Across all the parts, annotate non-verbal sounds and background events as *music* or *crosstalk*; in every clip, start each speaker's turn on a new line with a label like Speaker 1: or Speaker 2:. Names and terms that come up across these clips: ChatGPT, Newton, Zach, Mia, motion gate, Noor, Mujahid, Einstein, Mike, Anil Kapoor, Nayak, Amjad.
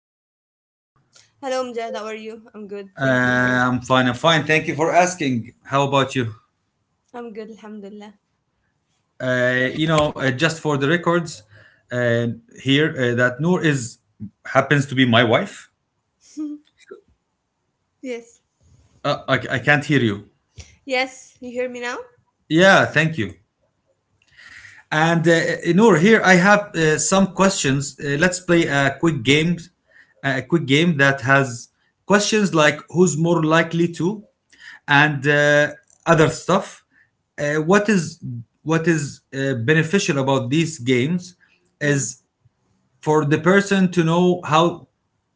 Speaker 1: guest. How are you, Noor?
Speaker 2: Hello, Amjad. How are you? I'm good. Thank you. How are you?
Speaker 1: I'm fine. I'm fine. Thank you for asking. How about you?
Speaker 2: I'm good. Alhamdulillah.
Speaker 1: Just for the records, uh, here that Noor is happens to be my wife.
Speaker 2: Yes.
Speaker 1: I can't hear you.
Speaker 2: Yes. You hear me now?
Speaker 1: Yeah, thank you. And Noor, here I have some questions. Let's play a quick game, that has questions like who's more likely to, and other stuff. Uh, what is what is beneficial about these games
Speaker 2: Mm.
Speaker 1: is for the person to know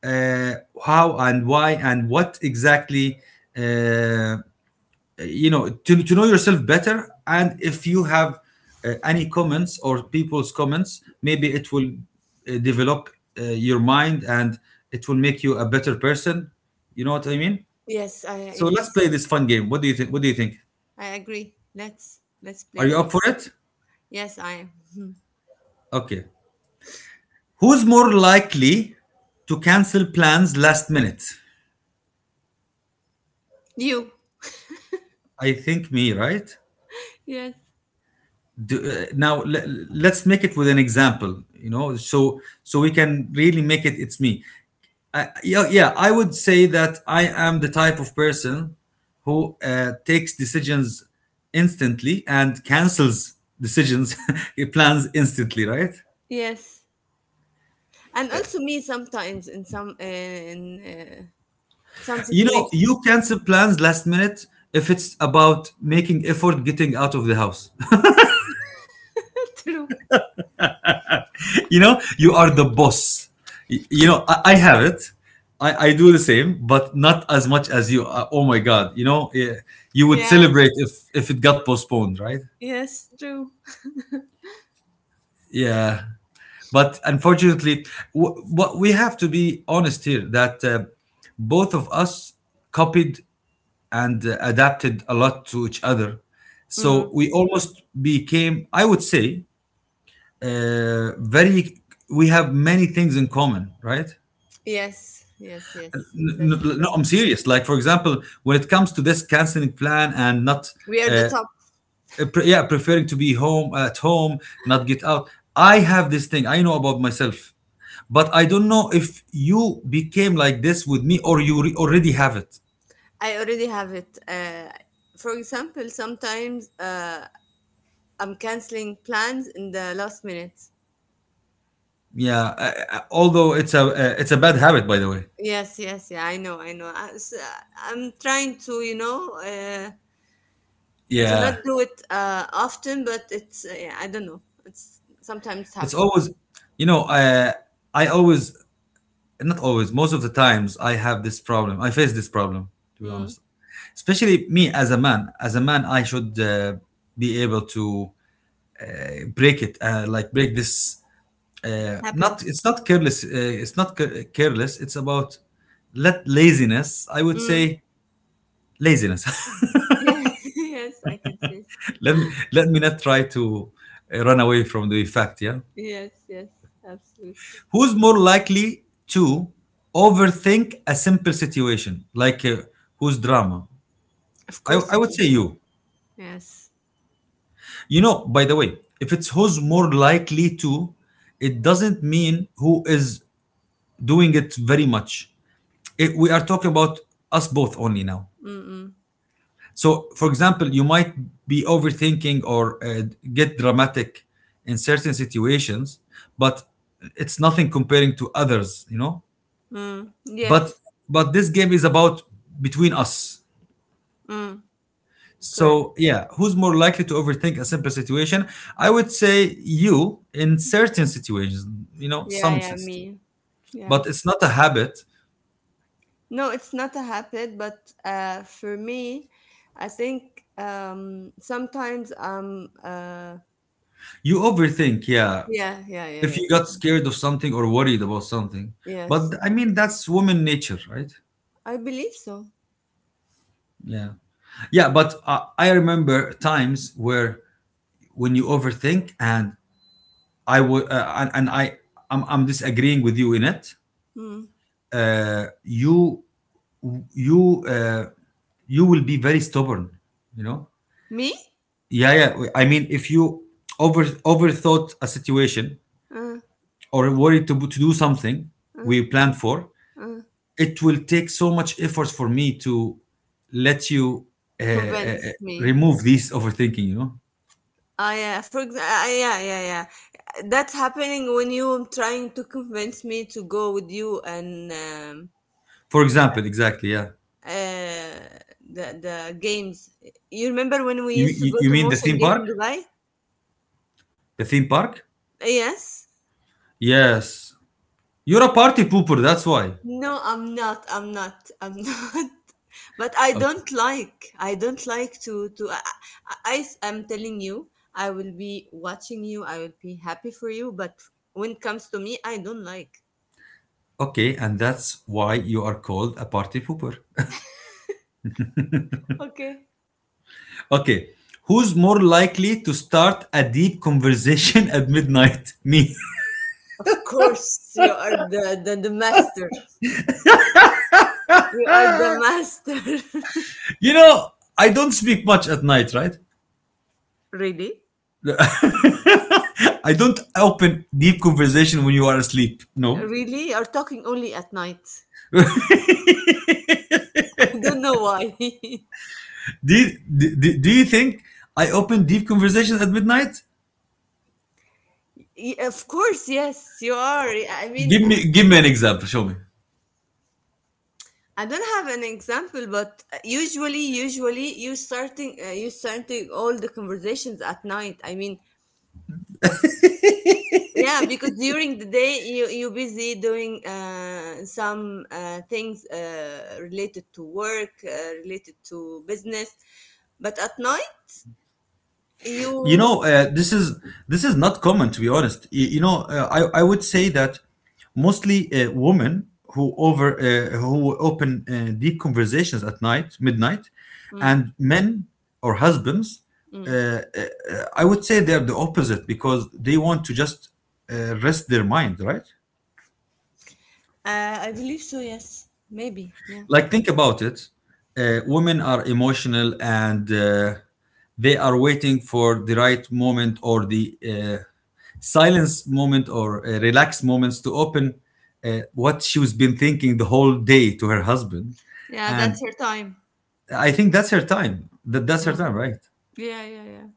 Speaker 1: uh, how and why and what exactly, uh, to, know yourself better. And if you have any comments or people's comments, maybe it will develop your mind, and it will make you a better person, you know what I mean?
Speaker 2: Yes. I
Speaker 1: So let's
Speaker 2: yes.
Speaker 1: play this fun game. What do you think? What do you think,
Speaker 2: I agree. Let's play
Speaker 1: are you
Speaker 2: it.
Speaker 1: up for it?
Speaker 2: Yes, I am.
Speaker 1: Okay. Who's more likely to cancel plans last minute?
Speaker 2: You.
Speaker 1: I think me, right?
Speaker 2: Yes.
Speaker 1: do, uh, now le- let's make it with an example, so we can really make it. It's me. Yeah, yeah, I would say that I am the type of person who takes decisions instantly and cancels decisions, *laughs* plans instantly, right?
Speaker 2: Yes. And also me sometimes in in uh, some
Speaker 1: You know,
Speaker 2: situations.
Speaker 1: you cancel plans last minute if it's about making effort getting out of the house.
Speaker 2: *laughs* True.
Speaker 1: *laughs* You know, you are the boss. You know, I have it. I do the same, but not as much as you. Oh my God. You know, yeah, you would
Speaker 2: Yeah.
Speaker 1: celebrate if, it got postponed, right?
Speaker 2: Yes. True.
Speaker 1: Yeah. But unfortunately, what we have to be honest here that both of us copied and adapted a lot to each other. So
Speaker 2: Mm.
Speaker 1: we almost became, I would say, uh, very, we have many things in common, right?
Speaker 2: Yes, yes,
Speaker 1: N-
Speaker 2: yes. That's
Speaker 1: n- No,
Speaker 2: true.
Speaker 1: I'm serious. Like, for example, when it comes to this canceling plan and not,
Speaker 2: We are the
Speaker 1: uh,
Speaker 2: top.
Speaker 1: Preferring to be home at home, not get out. I have this thing. I know about myself, but I don't know if you became like this with me or you already have it.
Speaker 2: I already have it. For example, sometimes I'm canceling plans in the last minute.
Speaker 1: Yeah, although it's a bad habit, by the way.
Speaker 2: Yes, yes, yeah, I know, I know. I'm trying to, you know, to not
Speaker 1: Yeah,
Speaker 2: do it often, but yeah, I don't know. It's sometimes
Speaker 1: it's
Speaker 2: happen.
Speaker 1: always, you know, uh, I always, not always, most of the times I have this problem. I face this problem, to be
Speaker 2: Mm.
Speaker 1: honest. Especially me as a man. As a man, I should be able to break it, like break this,
Speaker 2: Happen.
Speaker 1: not, it's not careless, it's not careless, it's about, let laziness, I would
Speaker 2: Mm.
Speaker 1: say. Laziness.
Speaker 2: Yeah. *laughs* Yes, I can say. So.
Speaker 1: *laughs* Let me not try to run away from the fact, yeah.
Speaker 2: Yes, yes, absolutely.
Speaker 1: Who's more likely to overthink a simple situation, like who's drama?
Speaker 2: Of
Speaker 1: I,
Speaker 2: course,
Speaker 1: I would
Speaker 2: me.
Speaker 1: say you.
Speaker 2: Yes.
Speaker 1: You know, by the way, if it's who's more likely to, it doesn't mean who is doing it very much. We are talking about us both only now.
Speaker 2: Mm-mm.
Speaker 1: So, for example, you might be overthinking or get dramatic in certain situations, but it's nothing comparing to others, you know.
Speaker 2: Mm.
Speaker 1: But
Speaker 2: Yes.
Speaker 1: this game is about between us.
Speaker 2: Mm. Correct.
Speaker 1: So yeah, who's more likely to overthink a simple situation? I would say you in certain situations, you know,
Speaker 2: Yeah,
Speaker 1: some
Speaker 2: yeah,
Speaker 1: situations.
Speaker 2: me. Yeah.
Speaker 1: But it's not a habit.
Speaker 2: No, it's not a habit, but for me, I think sometimes I'm.
Speaker 1: You overthink, yeah.
Speaker 2: Yeah, yeah, yeah,
Speaker 1: If you
Speaker 2: yes,
Speaker 1: got scared of something or worried about something. But
Speaker 2: yes.
Speaker 1: I mean that's woman nature, right?
Speaker 2: I believe so.
Speaker 1: Yeah. Yeah, but I remember times where when you overthink and I would I'm disagreeing with you in it,
Speaker 2: Mm.
Speaker 1: uh, you you uh, you will be very stubborn, you know?
Speaker 2: Me?
Speaker 1: Yeah, yeah. I mean, if you overthought a situation
Speaker 2: Uh,
Speaker 1: or worried to do something we
Speaker 2: uh,
Speaker 1: planned for,
Speaker 2: uh.
Speaker 1: it will take so much effort for me to let you uh, uh, uh,
Speaker 2: Convince me.
Speaker 1: remove this overthinking, you know?
Speaker 2: Ah, yeah. For example, yeah, yeah, yeah. That's happening when you trying to convince me to go with you and
Speaker 1: For example, exactly, yeah.
Speaker 2: uh, the games. You remember when we used to go
Speaker 1: You
Speaker 2: to
Speaker 1: mean the theme
Speaker 2: motion gate
Speaker 1: park?
Speaker 2: in Dubai?
Speaker 1: The theme park?
Speaker 2: Yes.
Speaker 1: Yes. You're a party pooper, that's why.
Speaker 2: No, I'm not. I'm not. I'm *laughs* not. But I
Speaker 1: Okay.
Speaker 2: don't like. I don't like to. I am telling you, I will be watching you. I will be happy for you. But when it comes to me, I don't like.
Speaker 1: Okay, and that's why you are called a party pooper.
Speaker 2: Okay.
Speaker 1: Okay. Who's more likely to start a deep conversation *laughs* at midnight? Me. *laughs*
Speaker 2: Of course, you are the master. You are the master. *laughs*
Speaker 1: You know, I don't speak much at night, right?
Speaker 2: Really,
Speaker 1: I don't open deep conversation when you are asleep. No.
Speaker 2: really, you are talking only at night.
Speaker 1: *laughs* do,
Speaker 2: *laughs* I don't know why. *laughs*
Speaker 1: you, do you think I open deep conversations at midnight?
Speaker 2: Y- of course, yes, you are. I mean,
Speaker 1: Give me an example. Show me.
Speaker 2: I don't have an example, but usually you starting all the conversations at night. I mean, yeah, because during the day you busy doing some things related to work, related to business, but at night
Speaker 1: you
Speaker 2: you.
Speaker 1: know uh, this is this is not common, to be honest. I would say that mostly women who open deep conversations at night midnight.
Speaker 2: Mm,
Speaker 1: And men or husbands, uh, uh,
Speaker 2: mm.
Speaker 1: I would say they're the opposite because they want to just rest their mind, right?
Speaker 2: I believe so. Yes, maybe. Yeah,
Speaker 1: Like, think about it. Women are emotional, and they are waiting for the right moment or the silence moment or relaxed moments to open what she was been thinking the whole day to her husband.
Speaker 2: yeah. That's
Speaker 1: And
Speaker 2: her time.
Speaker 1: I think that's her time, that's her
Speaker 2: Mm.
Speaker 1: time, right?
Speaker 2: Yeah, yeah, yeah.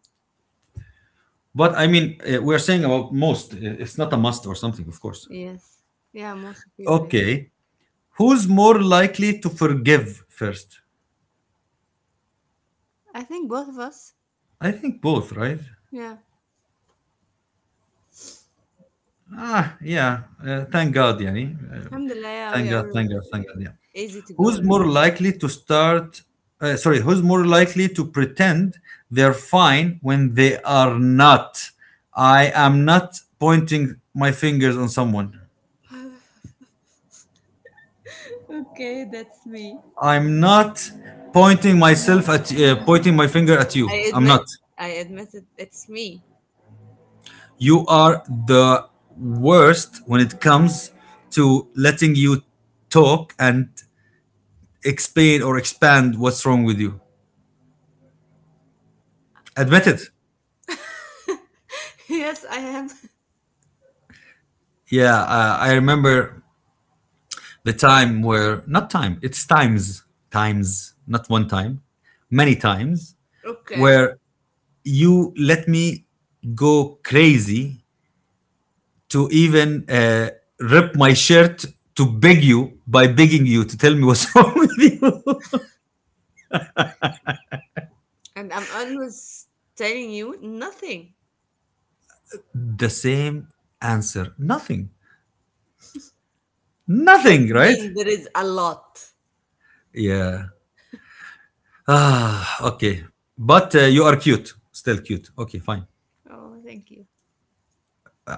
Speaker 1: But I mean we're saying about most. It's not a must or something, of course.
Speaker 2: Yes. Yeah, most of people. Yeah.
Speaker 1: Okay. Who's more likely to forgive first?
Speaker 2: I think both of us.
Speaker 1: I think both, right?
Speaker 2: Yeah.
Speaker 1: Ah, yeah. Thank God, yani. Uh,
Speaker 2: Alhamdulillah, yeah,
Speaker 1: Thank
Speaker 2: we
Speaker 1: God,
Speaker 2: are
Speaker 1: thank
Speaker 2: uh,
Speaker 1: God, thank God, yeah.
Speaker 2: easy to go.
Speaker 1: Who's
Speaker 2: I
Speaker 1: more
Speaker 2: mean,
Speaker 1: likely to start? Sorry, who's more likely to pretend they're fine when they are not? I am not pointing my fingers on someone.
Speaker 2: okay, that's me.
Speaker 1: I'm not pointing myself at, pointing my finger at
Speaker 2: I
Speaker 1: you. I'm not.
Speaker 2: admit, I admit it, it's me.
Speaker 1: You are the worst when it comes to letting you talk and explain or expand what's wrong with you. Admit
Speaker 2: Uh,
Speaker 1: it.
Speaker 2: *laughs* yes, I am.
Speaker 1: Yeah, I remember the time where, not time, it's times, times, not one time, many times,
Speaker 2: Okay.
Speaker 1: where you let me go crazy to even rip my shirt to begging you to tell me what's *laughs* wrong with you.
Speaker 2: And I'm always telling you nothing.
Speaker 1: The same answer, nothing,
Speaker 2: That
Speaker 1: nothing, right?
Speaker 2: means there is a lot.
Speaker 1: Yeah. Okay, but you are cute, still cute. Okay, fine.
Speaker 2: Oh, thank you.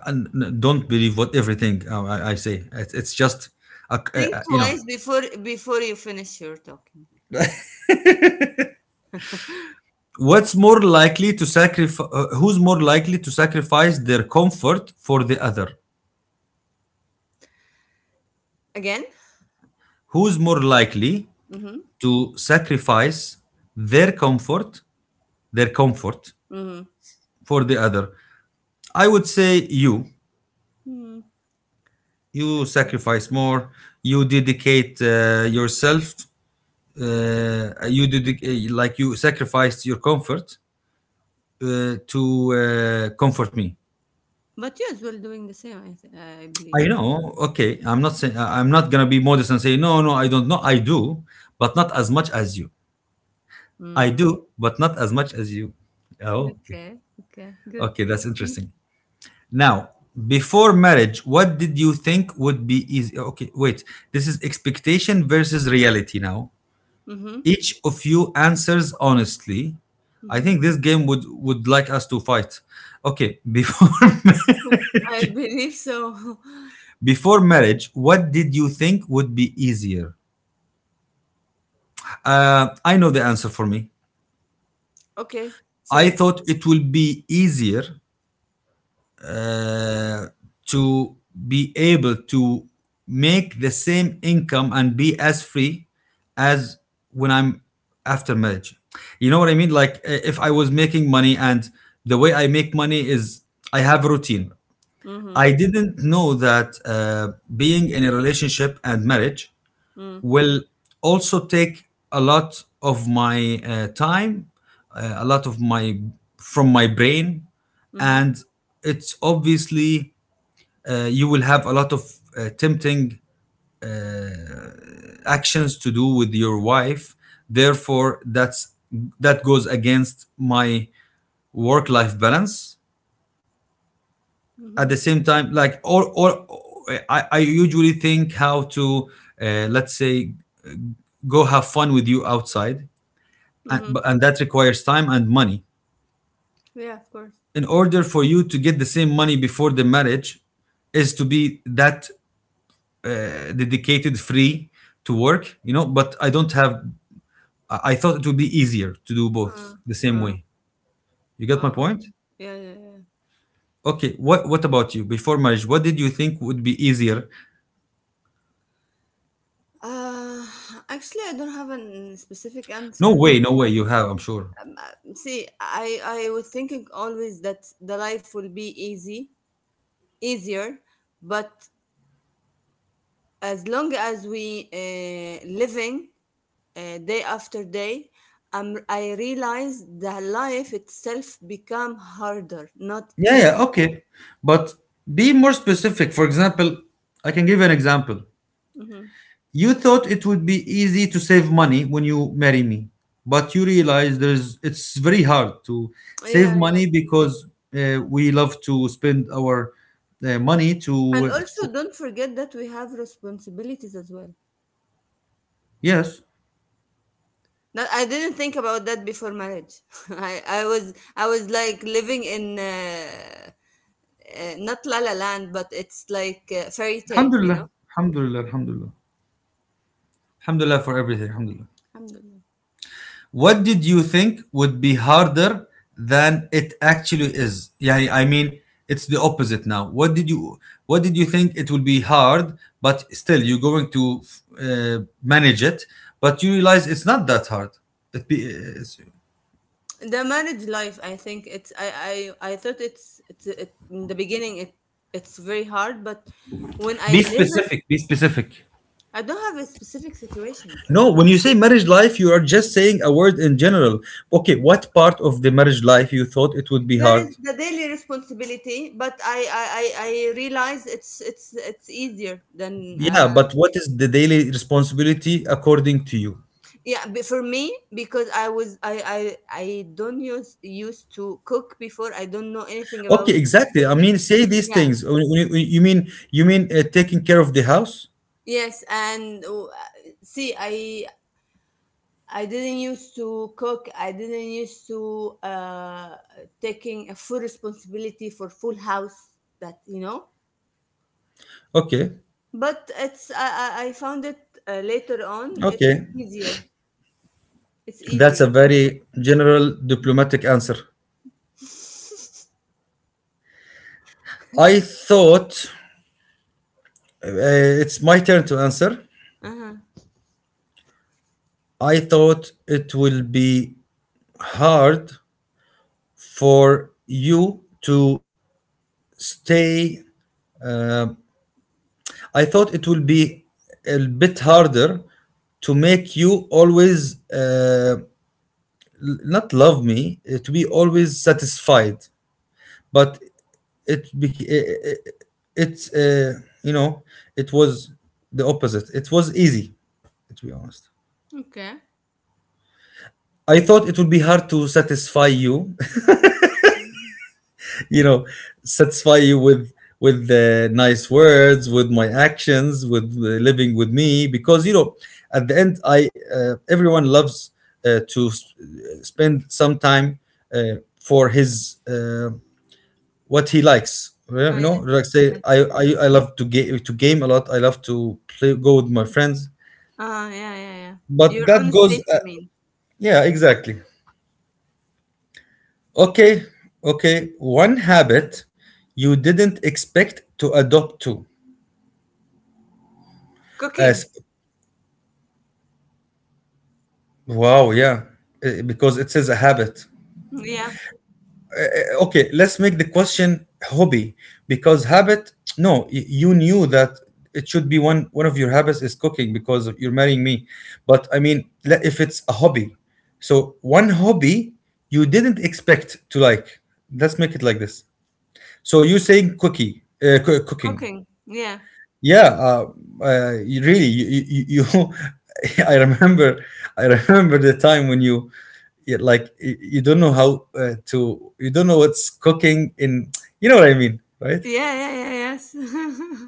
Speaker 1: And don't believe what everything I say. It's just a, a,
Speaker 2: Think
Speaker 1: a- you know
Speaker 2: twice before you finish your talking.
Speaker 1: What's more likely to sacrifice? Who's more likely to sacrifice their comfort for the other?
Speaker 2: Again?
Speaker 1: Who's more likely
Speaker 2: Mm-hmm.
Speaker 1: to sacrifice their comfort, their comfort
Speaker 2: Mm-hmm.
Speaker 1: for the other? I would say you.
Speaker 2: Hmm.
Speaker 1: You
Speaker 2: Okay.
Speaker 1: sacrifice more. You dedicate yourself. You like you sacrificed your comfort to comfort me.
Speaker 2: But yes, we're doing the same, I believe.
Speaker 1: I know. Okay, I'm not saying am not gonna be modest and say no, no, I don't know. I do, but not as much as you. I
Speaker 2: Mm.
Speaker 1: do, but not as much as you. Oh, okay,
Speaker 2: Okay. Okay. Good.
Speaker 1: okay, that's interesting. Now, before marriage, what did you think would be easy? Okay, wait. This is expectation versus reality. Now,
Speaker 2: Mm-hmm.
Speaker 1: each of you answers honestly. I
Speaker 2: Mm-hmm.
Speaker 1: think this game would like us to fight. Okay, before *laughs*
Speaker 2: I believe so. *laughs*
Speaker 1: before marriage, what did you think would be easier? I know the answer for me.
Speaker 2: Okay, say
Speaker 1: I
Speaker 2: it.
Speaker 1: thought it will be easier uh, to be able to make the same income and be as free as when I'm after marriage. You know what I mean? Like if I was making money and the way I make money is, I have a routine.
Speaker 2: Mm-hmm.
Speaker 1: I didn't know that being in a relationship and marriage
Speaker 2: Mm-hmm.
Speaker 1: will also take a lot of my time, a lot of my from my brain,
Speaker 2: Mm-hmm.
Speaker 1: and it's obviously you will have a lot of tempting actions to do with your wife. Therefore, that goes against my work-life balance. At
Speaker 2: Mm-hmm.
Speaker 1: the same time, like, or I usually think how to, let's say, go have fun with you outside, and,
Speaker 2: Mm-hmm.
Speaker 1: and that requires time and money
Speaker 2: Yeah, of course.
Speaker 1: in order for you to get the same money before the marriage is to be that dedicated free to work, you know. But I don't have, I thought it would be easier to do both
Speaker 2: Uh,
Speaker 1: the same way.
Speaker 2: uh,
Speaker 1: You get my
Speaker 2: Oh.
Speaker 1: point?
Speaker 2: Yeah, yeah, yeah.
Speaker 1: Okay, what about you? Before marriage, what did you think would be easier?
Speaker 2: Uh, actually, I don't have a specific
Speaker 1: No
Speaker 2: answer
Speaker 1: way,
Speaker 2: for.
Speaker 1: no way, you have, I'm sure.
Speaker 2: See, I was thinking always that the life will be easy, easier, but as long as we living day after day, I realize the life itself become harder, not
Speaker 1: Yeah, yeah.
Speaker 2: easy.
Speaker 1: Okay, but be more specific. For example, I can give you an example.
Speaker 2: Mhm.
Speaker 1: You thought it would be easy to save money when you marry me, but you realize there's it's very hard to save
Speaker 2: Yeah, yeah.
Speaker 1: money because we love to spend our money
Speaker 2: And
Speaker 1: to,
Speaker 2: also don't forget that we have responsibilities as well.
Speaker 1: yes.
Speaker 2: Now, I didn't think about that before marriage. *laughs* I was like living in not La La Land, but it's like fairy tale, you
Speaker 1: Alhamdulillah,
Speaker 2: know.
Speaker 1: Alhamdulillah, Alhamdulillah, Alhamdulillah for everything. Alhamdulillah.
Speaker 2: Alhamdulillah.
Speaker 1: What did you think would be harder than it actually is? Yeah, I mean, it's the opposite now. What did you think it would be hard, but still you're going to manage it, but you realize it's not that hard. It be it's-
Speaker 2: The marriage life, I think I thought in the beginning it's very hard, but when I
Speaker 1: be
Speaker 2: live it,
Speaker 1: specific. Be specific.
Speaker 2: I don't have a specific situation.
Speaker 1: No, when you say marriage life, you are just saying a word in general. Okay, what part of the marriage life you thought it would be
Speaker 2: There is
Speaker 1: hard?
Speaker 2: the daily responsibility, but I realize it's it's easier than
Speaker 1: Yeah, but what is the daily responsibility according to you?
Speaker 2: yeah for me because I was I don't use used to cook before. I don't know anything
Speaker 1: Okay,
Speaker 2: about
Speaker 1: exactly. I
Speaker 2: cooking.
Speaker 1: mean, say these
Speaker 2: Yeah.
Speaker 1: things. When you mean taking care of the house?
Speaker 2: Yes, and see, I didn't used to cook. I didn't used to taking a full responsibility for full house. That you know.
Speaker 1: Okay,
Speaker 2: But it's I found it later on. It's
Speaker 1: okay.
Speaker 2: easier. It's
Speaker 1: That's a
Speaker 2: easy.
Speaker 1: very general diplomatic answer. I thought it's my turn to answer.
Speaker 2: Uh-huh.
Speaker 1: I thought it will be hard for you to stay. Uh, I thought it will be a bit harder to make you always uh, not love me, to be always satisfied. But it bec- it, it's you know it was the opposite. It was easy, to be honest.
Speaker 2: Okay.
Speaker 1: I thought it would be hard to satisfy you. *laughs* you know satisfy you with nice words, with my actions, with living with me, because at the end, I everyone loves to spend some time uh, for his uh, what he likes. Yeah.
Speaker 2: Oh, yeah.
Speaker 1: Like, say
Speaker 2: Yeah.
Speaker 1: I
Speaker 2: Yeah.
Speaker 1: I, I love to game, a lot. I love to play go with my friends.
Speaker 2: Yeah, yeah, yeah.
Speaker 1: But
Speaker 2: Your
Speaker 1: that
Speaker 2: own
Speaker 1: goes
Speaker 2: space, you mean?
Speaker 1: yeah, exactly. Okay, okay. One habit you didn't expect to adopt to,
Speaker 2: Cooking.
Speaker 1: as, wow. Yeah, because it is a habit.
Speaker 2: Yeah,
Speaker 1: Okay, let's make the question hobby, because habit, no, you knew that it should be one of your habits is cooking because you're marrying me. But I mean, if it's a hobby, so one hobby you didn't expect to like, let's make it like this. So you're saying cooking.
Speaker 2: cooking. Yeah.
Speaker 1: Yeah. Really, you. *laughs* I remember, I remember. The time when you, you don't know how, you don't know what's cooking in, you know what I mean, right?
Speaker 2: Yeah, yeah, yeah, yes.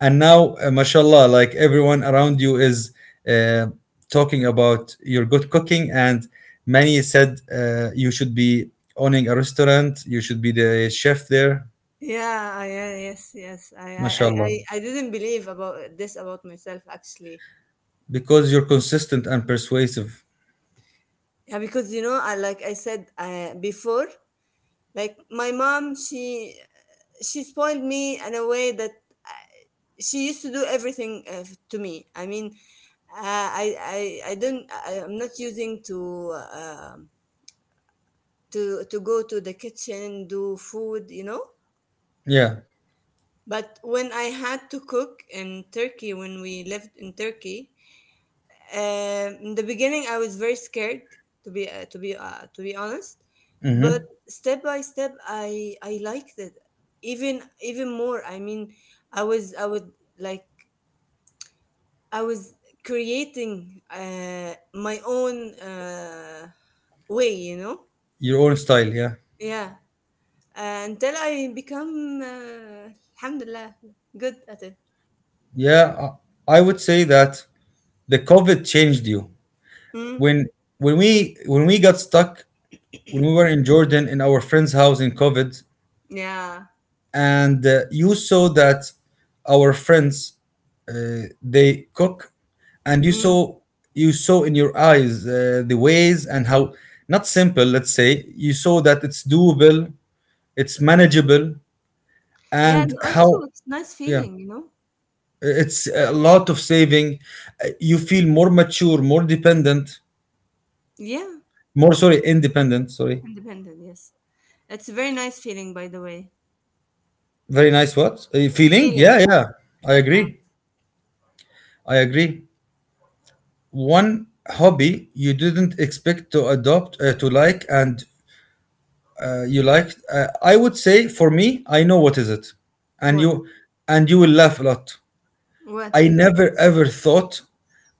Speaker 1: And now, mashallah, like, everyone around you is uh, talking about your good cooking, and many said you should be owning a restaurant, you should be the chef there,
Speaker 2: *laughs* Yeah, yeah, yes, yes.
Speaker 1: mashallah,
Speaker 2: I didn't believe about this about myself actually.
Speaker 1: because you're consistent and persuasive.
Speaker 2: Yeah, because you know, I like I said before, like my mom she spoiled me in a way that uh, she used to do everything to me I mean, uh, I I don't I, I'm not using to go to the kitchen do food, you know.
Speaker 1: Yeah.
Speaker 2: But when I had to cook in Turkey, when we lived in Turkey, um, in the beginning, I was very scared to be honest, but
Speaker 1: Mm-hmm.
Speaker 2: step by step, I liked it even more. I mean, I was I would like I was creating my own way, you know.
Speaker 1: Your own style, yeah.
Speaker 2: Yeah, until I become alhamdulillah good at it.
Speaker 1: Yeah, I would say that the COVID changed you.
Speaker 2: Mm,
Speaker 1: When when we got stuck when we were in Jordan, in our friend's house, in COVID,
Speaker 2: yeah.
Speaker 1: and you saw that our friends, they cook, and you
Speaker 2: Mm.
Speaker 1: saw you saw in your eyes the ways, and how, not simple. Let's say you saw that it's doable, it's manageable,
Speaker 2: Yeah,
Speaker 1: and
Speaker 2: and also
Speaker 1: how.
Speaker 2: it's nice
Speaker 1: Yeah,
Speaker 2: feeling, you know?
Speaker 1: it's a lot of saving. You feel more mature, more dependent,
Speaker 2: Yeah,
Speaker 1: more, sorry, independent. Sorry,
Speaker 2: independent, yes. It's a very nice feeling, by the way.
Speaker 1: very nice. What, feeling?
Speaker 2: Feeling,
Speaker 1: Yeah, yeah. I
Speaker 2: yeah.
Speaker 1: agree. I agree. One hobby you didn't expect to adopt, to like, and you liked. I would say for me, I know what is, it, and
Speaker 2: What?
Speaker 1: you, will laugh a lot.
Speaker 2: What?
Speaker 1: I never ever thought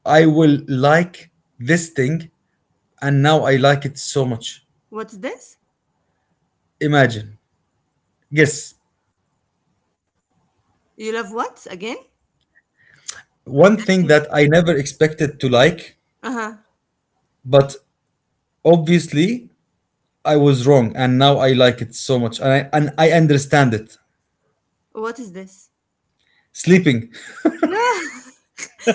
Speaker 1: I will like this thing, and now I like it so much.
Speaker 2: What's this?
Speaker 1: Imagine. Guess.
Speaker 2: You love what again?
Speaker 1: One thing that I never expected to like,
Speaker 2: Uh huh.
Speaker 1: but obviously I was wrong, and now I like it so much, and I understand it.
Speaker 2: What is this?
Speaker 1: Sleeping,
Speaker 2: Yeah, *laughs*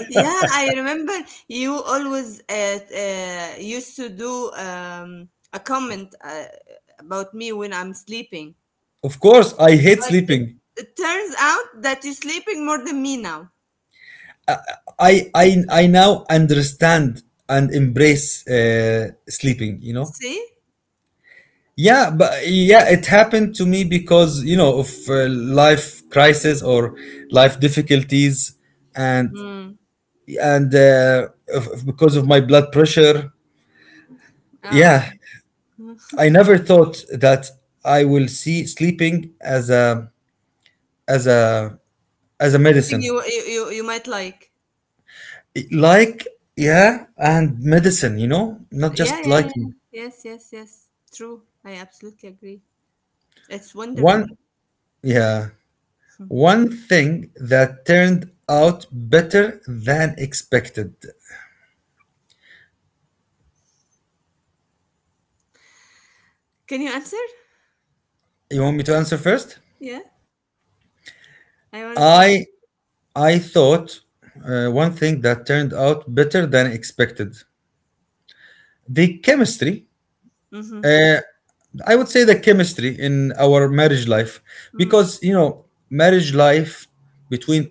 Speaker 2: yeah. I remember you always used to do a comment about me when I'm sleeping,
Speaker 1: of course. I hate
Speaker 2: but
Speaker 1: sleeping.
Speaker 2: it turns out that you're sleeping more than me now.
Speaker 1: I now understand and embrace sleeping. You know.
Speaker 2: See?
Speaker 1: Yeah, but yeah, it happened to me because, of life crisis or life difficulties, and
Speaker 2: Mm.
Speaker 1: of, because of my blood pressure.
Speaker 2: Ah,
Speaker 1: Yeah,
Speaker 2: okay.
Speaker 1: I
Speaker 2: *laughs*
Speaker 1: never thought that I will see sleeping as a as a as a
Speaker 2: Something you,
Speaker 1: medicine.
Speaker 2: you you you might like.
Speaker 1: Like, yeah, and medicine, not
Speaker 2: Yeah,
Speaker 1: just
Speaker 2: yeah, yeah.
Speaker 1: liking.
Speaker 2: Yes, yes, yes. True. I absolutely agree. It's wonderful.
Speaker 1: One Yeah,
Speaker 2: Hmm.
Speaker 1: one thing that turned out better than expected.
Speaker 2: Can you answer?
Speaker 1: You want me to answer first?
Speaker 2: Yeah, I want to see.
Speaker 1: I I thought, one thing that turned out better than expected. The chemistry.
Speaker 2: Mm-hmm.
Speaker 1: Uh, I would say the chemistry in our marriage life,
Speaker 2: Mm.
Speaker 1: because marriage life between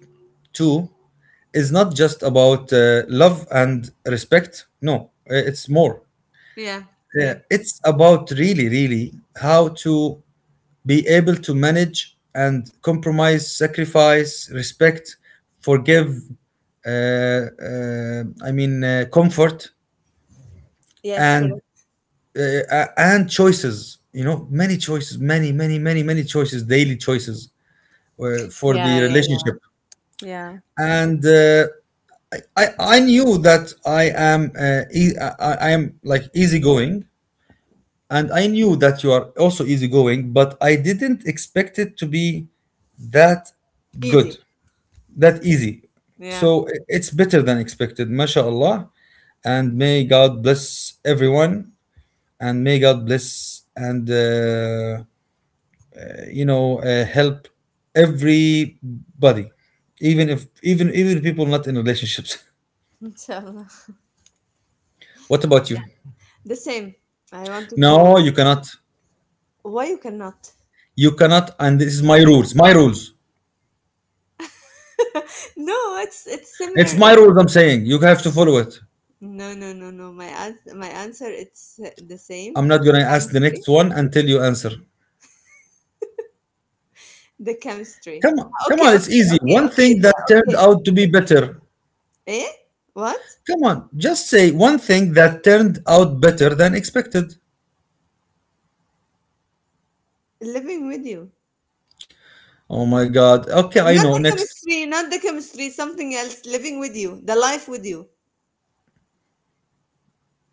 Speaker 1: two is not just about love and respect. No, it's more.
Speaker 2: Yeah, correct.
Speaker 1: It's about really, really how to be able to manage, and compromise, sacrifice, respect, forgive, uh, uh, I mean, comfort,
Speaker 2: Yes,
Speaker 1: and
Speaker 2: correct.
Speaker 1: and choices. Many choices, many many many many choices, daily choices, for the
Speaker 2: Yeah, yeah, yeah.
Speaker 1: relationship.
Speaker 2: Yeah.
Speaker 1: And i I knew that i I am, like, easygoing, and I knew that you are also easygoing, but I didn't expect it to be that good,
Speaker 2: Easy.
Speaker 1: that easy.
Speaker 2: Yeah. *laughs*
Speaker 1: So, it's better than expected, mashallah. And
Speaker 2: Um,
Speaker 1: may God bless everyone, and may God bless, and help everybody, even if even even people not in relationships.
Speaker 2: inshallah.
Speaker 1: *laughs* What about
Speaker 2: Yeah.
Speaker 1: you?
Speaker 2: The same. I wanted
Speaker 1: No,
Speaker 2: to. Why you cannot?
Speaker 1: You cannot, and this is my rules,
Speaker 2: *laughs* No, it's
Speaker 1: it's
Speaker 2: similar.
Speaker 1: my rules. I'm saying, you have to follow it.
Speaker 2: No, no, no, no. My answer it's the same.
Speaker 1: I'm not going
Speaker 2: It's
Speaker 1: to ask the
Speaker 2: chemistry.
Speaker 1: next one until you answer.
Speaker 2: The chemistry.
Speaker 1: Come on, come
Speaker 2: Okay, okay,
Speaker 1: on, it's easy.
Speaker 2: okay,
Speaker 1: One thing
Speaker 2: okay, the-
Speaker 1: that turned
Speaker 2: okay.
Speaker 1: out to be better.
Speaker 2: Eh? What؟
Speaker 1: Come on, just say one thing that turned out better than expected.
Speaker 2: Living with you.
Speaker 1: Oh, my god. Okay, I
Speaker 2: Not
Speaker 1: know,
Speaker 2: the
Speaker 1: next.
Speaker 2: chemistry, not the chemistry, something else, living with you, the life with you.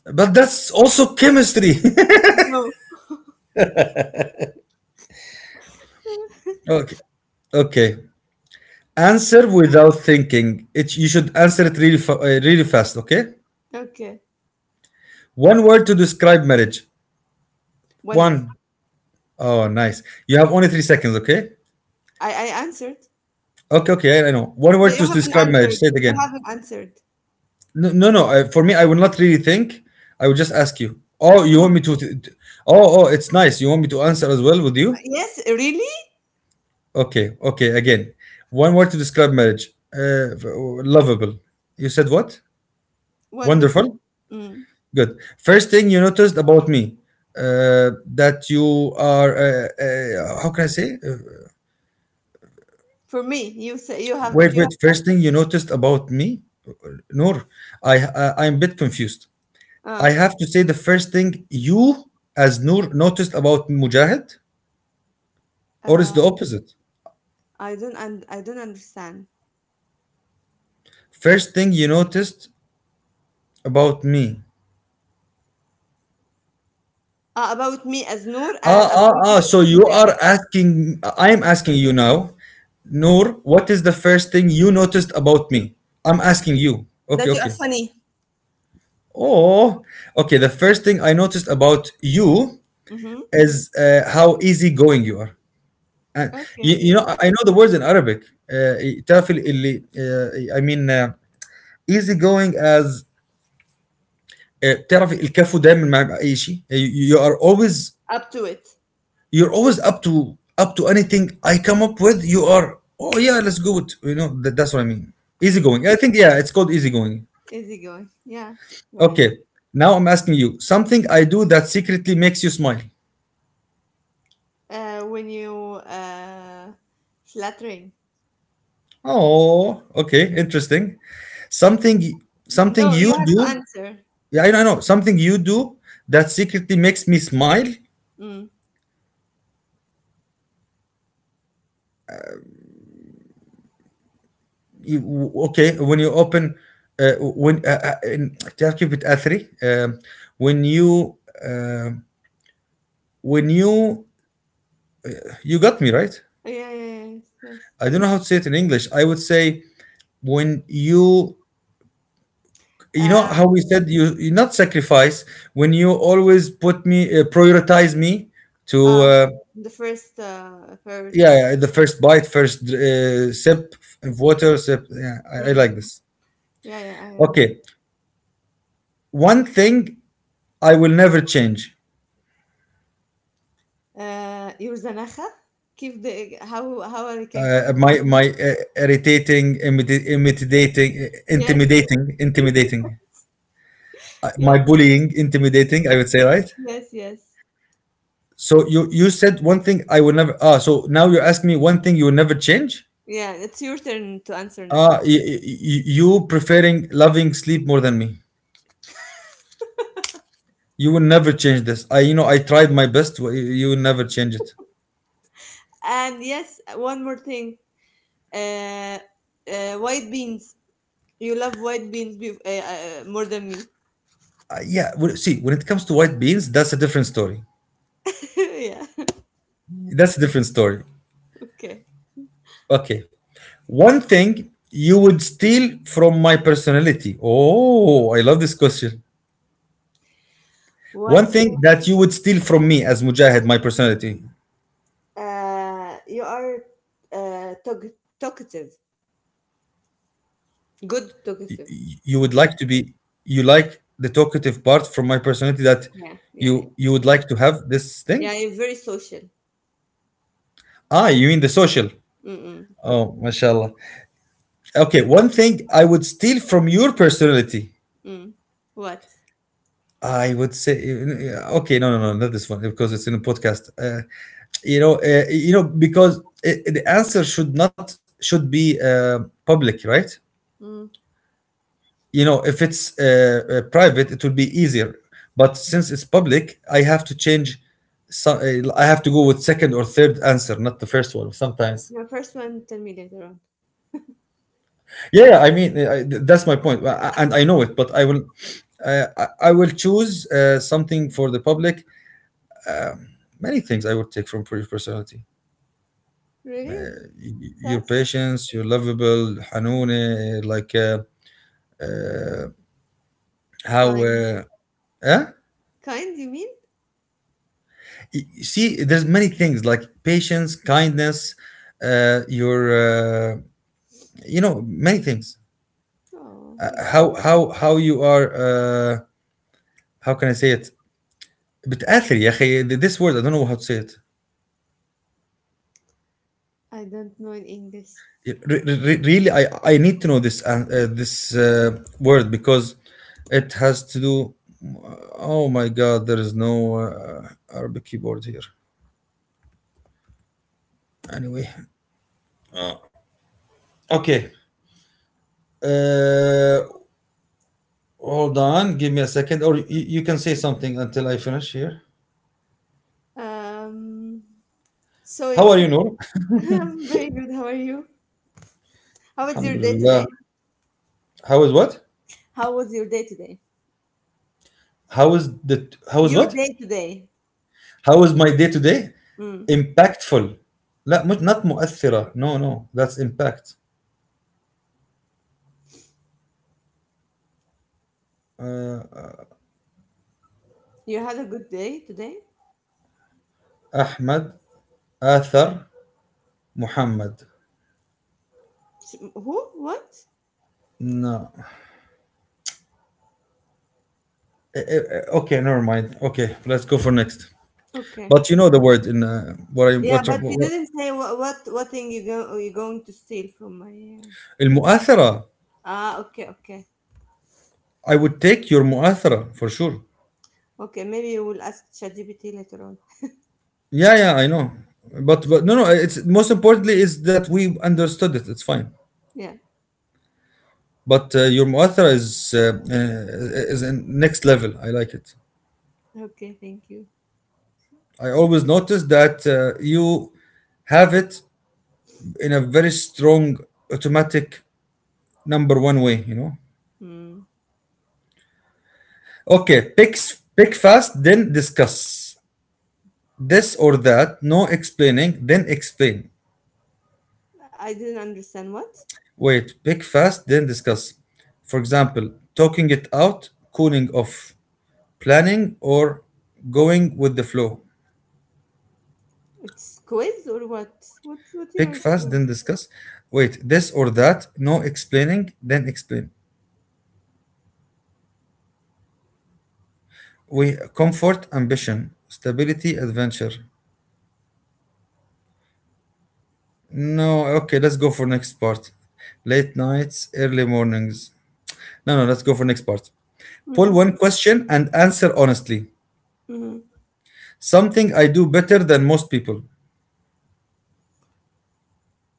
Speaker 1: But that's also chemistry.
Speaker 2: No.
Speaker 1: *laughs* Okay. Okay. Answer without thinking. You should answer it really, really fast, okay?
Speaker 2: Okay.
Speaker 1: One word to describe marriage.
Speaker 2: Wonderful.
Speaker 1: One. Oh, nice. You have only 3 seconds, okay?
Speaker 2: I answered
Speaker 1: Okay, okay, I know. One
Speaker 2: but
Speaker 1: word to
Speaker 2: you haven't
Speaker 1: describe marriage.
Speaker 2: answered,
Speaker 1: Say it
Speaker 2: you
Speaker 1: again.
Speaker 2: haven't answered.
Speaker 1: No, no, no. For me, I will not really think. I will just ask you. Oh, you want me to? Oh, oh, it's nice. You want me to answer as well with you?
Speaker 2: Yes really.
Speaker 1: Okay, okay. Again, one word to describe marriage. Lovable. You said what?
Speaker 2: Wonderful.
Speaker 1: Wonderful.
Speaker 2: Mm.
Speaker 1: Good. First thing you noticed about me, uh, that you are, how can I say?
Speaker 2: For me you say, you have
Speaker 1: Wait,
Speaker 2: you
Speaker 1: wait.
Speaker 2: have,
Speaker 1: First thing you noticed about me, Noor, I'm a bit confused.
Speaker 2: uh,
Speaker 1: I have to say the first thing you, as Noor, noticed about Mujahid, or is
Speaker 2: uh
Speaker 1: the opposite?
Speaker 2: I don't un- I don't understand
Speaker 1: First thing you noticed about me.
Speaker 2: about me as Noor and
Speaker 1: Ah, ah,
Speaker 2: about you
Speaker 1: ah.
Speaker 2: as
Speaker 1: So you
Speaker 2: Mia,
Speaker 1: are asking, I'm asking you now, Noor, what is the first thing you noticed about me? I'm asking you. Okay,
Speaker 2: that you are
Speaker 1: okay.
Speaker 2: funny.
Speaker 1: Oh, okay. The first thing I noticed about you
Speaker 2: Mm-hmm.
Speaker 1: is how easygoing you are. And
Speaker 2: Okay good.
Speaker 1: I know the words in Arabic. تعرف ال- اللي I mean, easygoing, as, تعرف الكفو دايما مع أي شيء.
Speaker 2: Up to it.
Speaker 1: You're always, up to anything I come up with. You are Oh, yeah, let's go with, you know that, that's what I mean. Easygoing.
Speaker 2: Mm.
Speaker 1: I think, yeah, it's called easygoing.
Speaker 2: Easy going, yeah. Yeah, yeah.
Speaker 1: Okay. Now I'm asking you, something I do that secretly makes you smile.
Speaker 2: When you uh, flattering.
Speaker 1: Oh, okay, interesting. Something Something
Speaker 2: No,
Speaker 1: you
Speaker 2: you have to
Speaker 1: do,
Speaker 2: answer.
Speaker 1: yeah, I know, something you do that secretly makes me smile.
Speaker 2: Mm.
Speaker 1: Okay, when you open, when in تعرف بتأثري when you uh, when you got me right.
Speaker 2: Oh, yeah, yeah, yeah, yes, yes.
Speaker 1: I don't know how to say it in English. I would say, when you know
Speaker 2: Um,
Speaker 1: how we said, you not sacrifice, when you always put me, prioritize me to,
Speaker 2: uh, the first
Speaker 1: yeah,
Speaker 2: priority.
Speaker 1: yeah, the first bite, first sip of water, sip. Yeah,
Speaker 2: Mm.
Speaker 1: I
Speaker 2: Mm,
Speaker 1: like
Speaker 2: mm.
Speaker 1: this.
Speaker 2: Yeah, yeah, I am.
Speaker 1: Okay, one thing I will never change.
Speaker 2: Your zanacha? Keep the, how I can call it in
Speaker 1: My,
Speaker 2: English?
Speaker 1: irritating, intimidating,
Speaker 2: Yes,
Speaker 1: intimidating, intimidating. My
Speaker 2: yes,
Speaker 1: bullying, intimidating, I would say, right.
Speaker 2: yes, yes.
Speaker 1: So, you said one thing I will never. Ah, so now you're asking me one thing you will never change.
Speaker 2: Yeah, it's your turn to answer now.
Speaker 1: Ah, you preferring, loving sleep more than me. You will never change this. I tried my best. You will never change it.
Speaker 2: And yes, one more thing. Uh, white beans. You love white beans more than me.
Speaker 1: Yeah, well, see, when it comes to white beans, that's a different story.
Speaker 2: *laughs* Yeah. *laughs*
Speaker 1: That's a different story.
Speaker 2: Okay.
Speaker 1: Okay. One thing you would steal from my personality. Oh, I love this question.
Speaker 2: One
Speaker 1: One
Speaker 2: thing,
Speaker 1: thing that you would steal from me, as Mujahid, my personality.
Speaker 2: you are talkative,
Speaker 1: You
Speaker 2: good
Speaker 1: would like
Speaker 2: talkative.
Speaker 1: you like the talkative part from my personality, that you
Speaker 2: Yeah,
Speaker 1: you would
Speaker 2: yeah,
Speaker 1: like to
Speaker 2: yeah.
Speaker 1: have this thing?
Speaker 2: Yeah, you're very social.
Speaker 1: Ah, you mean the social.
Speaker 2: Mm-mm,
Speaker 1: Oh, mashallah. Okay, one thing I would steal from your personality.
Speaker 2: mm. What?
Speaker 1: I would say, okay, no, no, no, not this one, because it's in a podcast. Because I the answer should not should be public, right?
Speaker 2: Mm.
Speaker 1: If it's, private, it would be easier. But since it's public, I have to change. So, I have to go with second or third answer, not the first one. Sometimes,
Speaker 2: The first one, tell me later on.
Speaker 1: yeah. Yeah, I mean, that's my point. And I know it. But I will, I will choose something for the public. Many things I would take from personality.
Speaker 2: Really?
Speaker 1: Your
Speaker 2: That's
Speaker 1: patience, your lovable, Hanune, like, how,
Speaker 2: kind.
Speaker 1: eh?
Speaker 2: Kind, you mean?
Speaker 1: See, there's many things, like patience, kindness, uh, your, uh, many things.
Speaker 2: Oh, thank you.
Speaker 1: How you are, how can I say it? بتأثر يا أخي this word I don't know how to say it.
Speaker 2: I don't know in English.
Speaker 1: Yeah, really, I need to know this word because it has to do. Oh my God, there is no Arabic keyboard here. Anyway, okay. Uh, Hold on, give me a second, or you can say something until I finish here.
Speaker 2: Um, so
Speaker 1: How
Speaker 2: you
Speaker 1: are you,
Speaker 2: can.
Speaker 1: Noor?
Speaker 2: *laughs* I'm very good. How are you?
Speaker 1: *laughs*
Speaker 2: How was your day
Speaker 1: Alhamdulillah.
Speaker 2: today?
Speaker 1: How is what?
Speaker 2: How was your day today?
Speaker 1: How is
Speaker 2: Your
Speaker 1: what?
Speaker 2: day today.
Speaker 1: How is my day today?
Speaker 2: Mm.
Speaker 1: Impactful. لا مش not مؤثرة. No, no, that's impact.
Speaker 2: You had a good day today?
Speaker 1: Ahmed, Athar, Muhammad.
Speaker 2: S- who? What?
Speaker 1: No. Okay, never mind. Okay, let's go for next.
Speaker 2: Okay.
Speaker 1: But you know the word in what I
Speaker 2: Yeah, but you
Speaker 1: what
Speaker 2: didn't say what thing you go are you going to steal from my.
Speaker 1: المؤثرة.
Speaker 2: Ah, okay, okay,
Speaker 1: I would take your muathara for sure.
Speaker 2: okay. Maybe you will ask ChatGPT later on.
Speaker 1: Yeah, yeah, I know. But no. It's most importantly is that we understood it. It's fine.
Speaker 2: Yeah.
Speaker 1: But your muathara is in next level. I like it.
Speaker 2: Okay. Thank you.
Speaker 1: I always notice that you have it in a very strong automatic number one way. You know.
Speaker 2: Hmm.
Speaker 1: Okay, pick fast, then discuss this or that. No explaining, then explain.
Speaker 2: I didn't understand what.
Speaker 1: Wait, pick fast, then discuss. For example, talking it out, cooling off, planning, or going with the flow.
Speaker 2: It's quiz or what? What you are
Speaker 1: Pick fast,
Speaker 2: saying?
Speaker 1: then discuss. Wait, this or that, no explaining, then explain. We comfort, ambition, stability, adventure. No, okay, let's go for next part. Late nights, early mornings. No, no, let's go for next part. Pull
Speaker 2: Mm-hmm.
Speaker 1: one question and answer honestly.
Speaker 2: Mm-hmm.
Speaker 1: Something I do better than most people.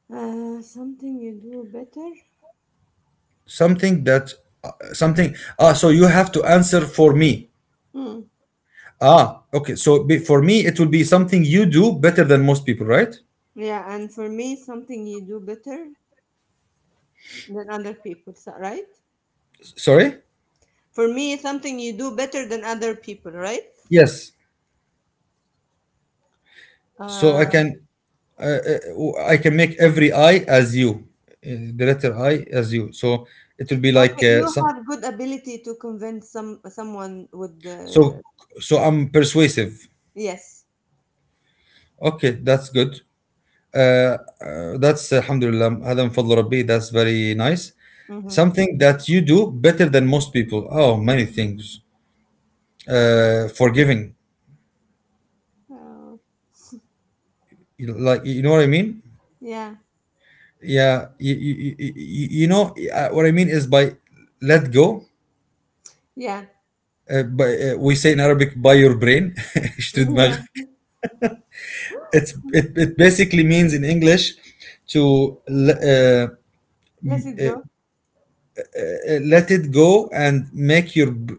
Speaker 2: Something you do better.
Speaker 1: Something that something so you have to answer for me.
Speaker 2: Mm.
Speaker 1: Ah, okay, for me it will be something you do better than most people, right?
Speaker 2: Yeah, and for me, something you do better than other people, so- right?
Speaker 1: Sorry.
Speaker 2: For me, something you do better than other people, right?
Speaker 1: Yes, so I
Speaker 2: Uh,
Speaker 1: can I can make every I as you, the letter I as you, so it will be like
Speaker 2: okay, you
Speaker 1: some,
Speaker 2: have good ability to convince some someone with the
Speaker 1: so so I'm persuasive.
Speaker 2: yes.
Speaker 1: Okay, that's good. uh, that's alhamdulillah هذا من فضل ربي, that's very nice.
Speaker 2: Mm-hmm.
Speaker 1: Something that you do better than most people, oh many things. Forgiving.
Speaker 2: Oh,
Speaker 1: You like, you know what I mean?
Speaker 2: yeah,
Speaker 1: Yeah, you know what I mean is by let go.
Speaker 2: yeah,
Speaker 1: By, we say in Arabic by your brain. *laughs* اشتري
Speaker 2: *laughs* yeah.
Speaker 1: دماغك. It's it basically means in English to
Speaker 2: Let it go.
Speaker 1: let it go and make your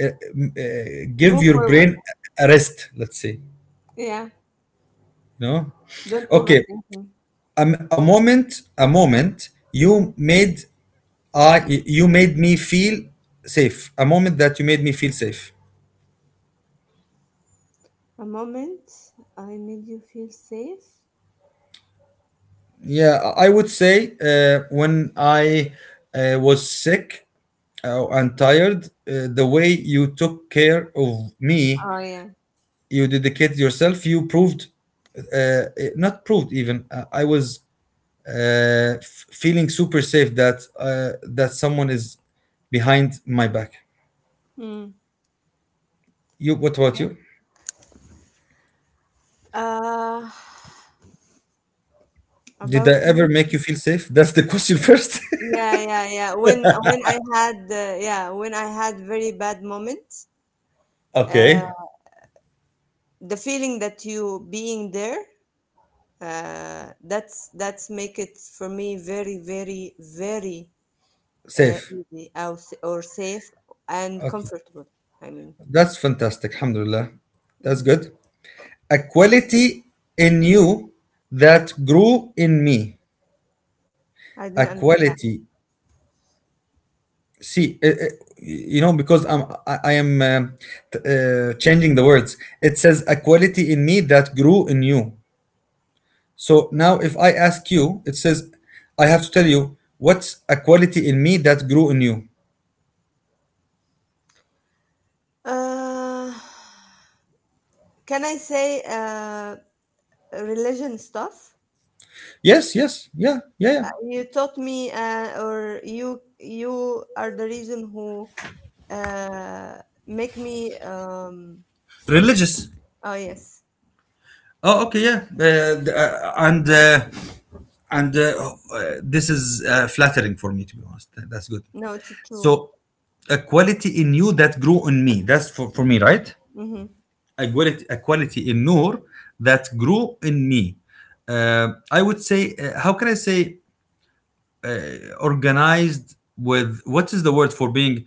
Speaker 1: uh, give
Speaker 2: Move
Speaker 1: your
Speaker 2: forward.
Speaker 1: brain a rest. Let's say,
Speaker 2: Yeah.
Speaker 1: no?
Speaker 2: Don't
Speaker 1: Okay,
Speaker 2: overthink.
Speaker 1: a, m- a moment, a moment
Speaker 2: Mm.
Speaker 1: you made, I you made me feel safe. A moment that you made me feel safe.
Speaker 2: A moment I made you feel safe.
Speaker 1: Yeah, I would say when I was sick and tired, the way you took care of me,
Speaker 2: Oh yeah.
Speaker 1: you dedicated yourself. You proved, uh, uh, not proved even. I was uh, feeling super safe that that someone is behind my back.
Speaker 2: Mm.
Speaker 1: You. What about
Speaker 2: Okay.
Speaker 1: you?
Speaker 2: Uh,
Speaker 1: Did I
Speaker 2: about
Speaker 1: ever
Speaker 2: me.
Speaker 1: make you feel safe? That's the question *laughs* first.
Speaker 2: Yeah, yeah, yeah. When I had yeah when I had very bad moments,
Speaker 1: *laughs* Okay.
Speaker 2: uh, the feeling that you being there that's make it for me very very very
Speaker 1: Safe.
Speaker 2: easy or safe and
Speaker 1: Okay.
Speaker 2: comfortable, I mean.
Speaker 1: That's fantastic. Alhamdulillah. That's
Speaker 2: Hmm.
Speaker 1: good. A quality in you that grew in me.
Speaker 2: I
Speaker 1: A
Speaker 2: didn't understand.
Speaker 1: quality. See, you know, because I am changing the words. It says a quality in me that grew in you. So now if I ask you, it says, I have to tell you, what's a quality in me that grew in you?
Speaker 2: Uh, can I say religion stuff?
Speaker 1: Yes, yes. Yeah,
Speaker 2: You taught me, or you are the reason who make me
Speaker 1: religious.
Speaker 2: oh yes.
Speaker 1: Oh okay, yeah, th- and this is flattering for me to be honest, that's good.
Speaker 2: No, it's true.
Speaker 1: So a quality in you that grew in me, that's for me, right?
Speaker 2: Mm-hmm.
Speaker 1: A quality, a quality in Noor that grew in me, I would say, how can I say, organized with, what is the word for being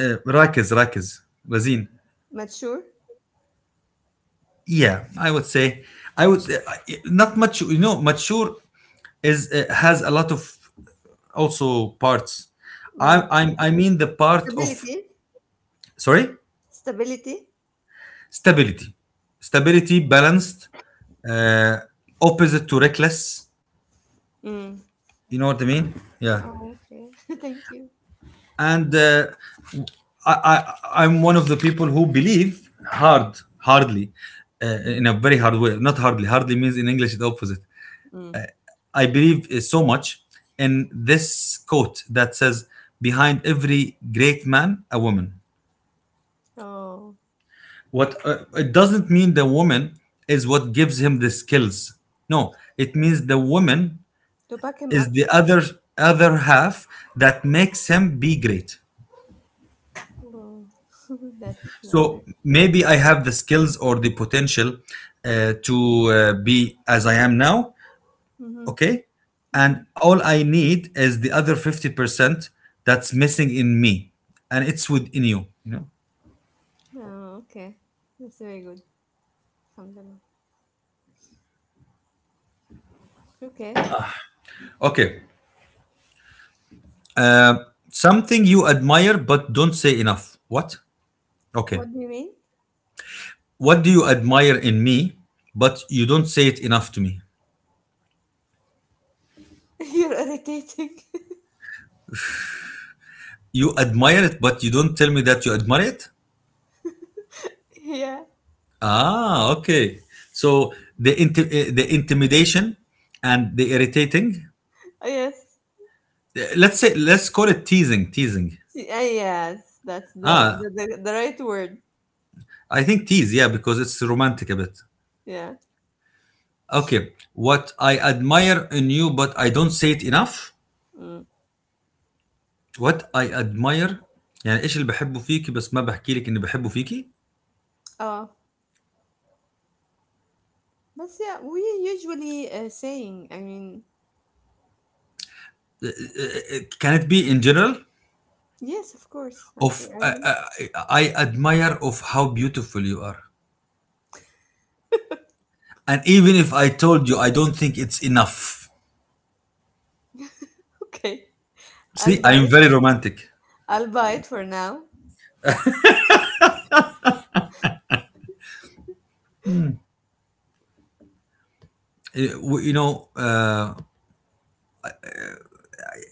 Speaker 1: راكز راكز رزين.
Speaker 2: Mature.
Speaker 1: Yeah, I would say, I would say, not much, you know, mature is has a lot of also parts. I
Speaker 2: Mm.
Speaker 1: I mean the part of,
Speaker 2: Stability.
Speaker 1: sorry,
Speaker 2: Stability.
Speaker 1: stability, stability, balanced, uh, opposite to reckless.
Speaker 2: Mm.
Speaker 1: You know what I mean? Yeah.
Speaker 2: Oh, okay. *laughs* Thank you.
Speaker 1: And I, I'm one of the people who believe hard, hardly uh,
Speaker 2: Mm.
Speaker 1: in a very hard way. Not hardly. Hardly means in English the opposite.
Speaker 2: Mm.
Speaker 1: I believe so much in this quote that says, "Behind every great man, a woman."
Speaker 2: Oh,
Speaker 1: What, it doesn't mean the woman is what gives him the skills, no, it means the woman
Speaker 2: to back him
Speaker 1: is
Speaker 2: up.
Speaker 1: the other, other half that makes him be great.
Speaker 2: Oh, *laughs* that's clever.
Speaker 1: So maybe I have the skills or the potential to be as I am now,
Speaker 2: Mm-hmm.
Speaker 1: okay,
Speaker 2: Mm-hmm.
Speaker 1: and all I need is the other 50% that's missing in me, and it's within you, you know.
Speaker 2: Oh, okay. That's very good. Alhamdulillah. Okay.
Speaker 1: Okay, something you admire but don't say enough. What? Okay.
Speaker 2: What do you mean?
Speaker 1: What do you admire in me, but you don't say it enough to me?
Speaker 2: *laughs* You're irritating.
Speaker 1: You admire it, but you don't tell me that you admire it?
Speaker 2: *laughs* Yeah.
Speaker 1: Ah, okay. So the the intimidation and the irritating.
Speaker 2: Oh, yes.
Speaker 1: Let's say, let's call it teasing. Teasing.
Speaker 2: See, ah, yes. That's the,
Speaker 1: Ah,
Speaker 2: the, the, the right word.
Speaker 1: I think tease. Yeah, because it's romantic a bit.
Speaker 2: Yeah.
Speaker 1: Okay. What I admire in you, but I don't say it enough.
Speaker 2: Mm.
Speaker 1: What I admire يعني ايش اللي بحبه فيكي بس ما بحكي لك اني بحبه فيكي؟
Speaker 2: Oh, but yeah, we usually saying, I mean,
Speaker 1: Can it be in general?
Speaker 2: yes, of course. I
Speaker 1: Of
Speaker 2: think I
Speaker 1: I,
Speaker 2: will. *laughs*
Speaker 1: I admire of how beautiful you are, and even if I told you, I don't think it's enough.
Speaker 2: Okay.
Speaker 1: See,
Speaker 2: I'll
Speaker 1: I
Speaker 2: buy
Speaker 1: am
Speaker 2: it.
Speaker 1: very romantic.
Speaker 2: I'll buy it for now.
Speaker 1: Uh, you know,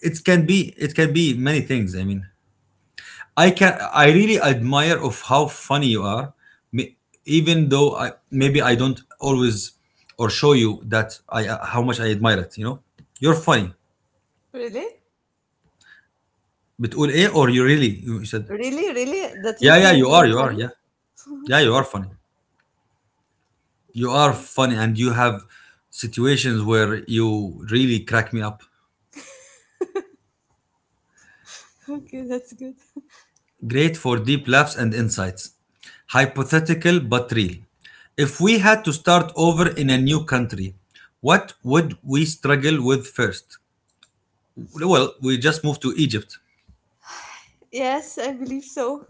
Speaker 1: it can be, it can be many things, I mean, I really admire of how funny you are. Ma- Even though I, maybe I don't always or show you that I how much I admire it, you know, you're funny.
Speaker 2: Really?
Speaker 1: بتقول ايه or you really, you said?
Speaker 2: Really, really? That you
Speaker 1: Yeah,
Speaker 2: see me
Speaker 1: you are,
Speaker 2: funny?
Speaker 1: yeah,
Speaker 2: *laughs*
Speaker 1: yeah, you are funny. You are
Speaker 2: Okay.
Speaker 1: funny and you have situations where you really crack me up.
Speaker 2: Okay, that's good.
Speaker 1: Great for deep laughs and insights. Hypothetical but real. If we had to start over in a new country, what would we struggle with first? Well, we just moved to Egypt.
Speaker 2: Yes, I believe so.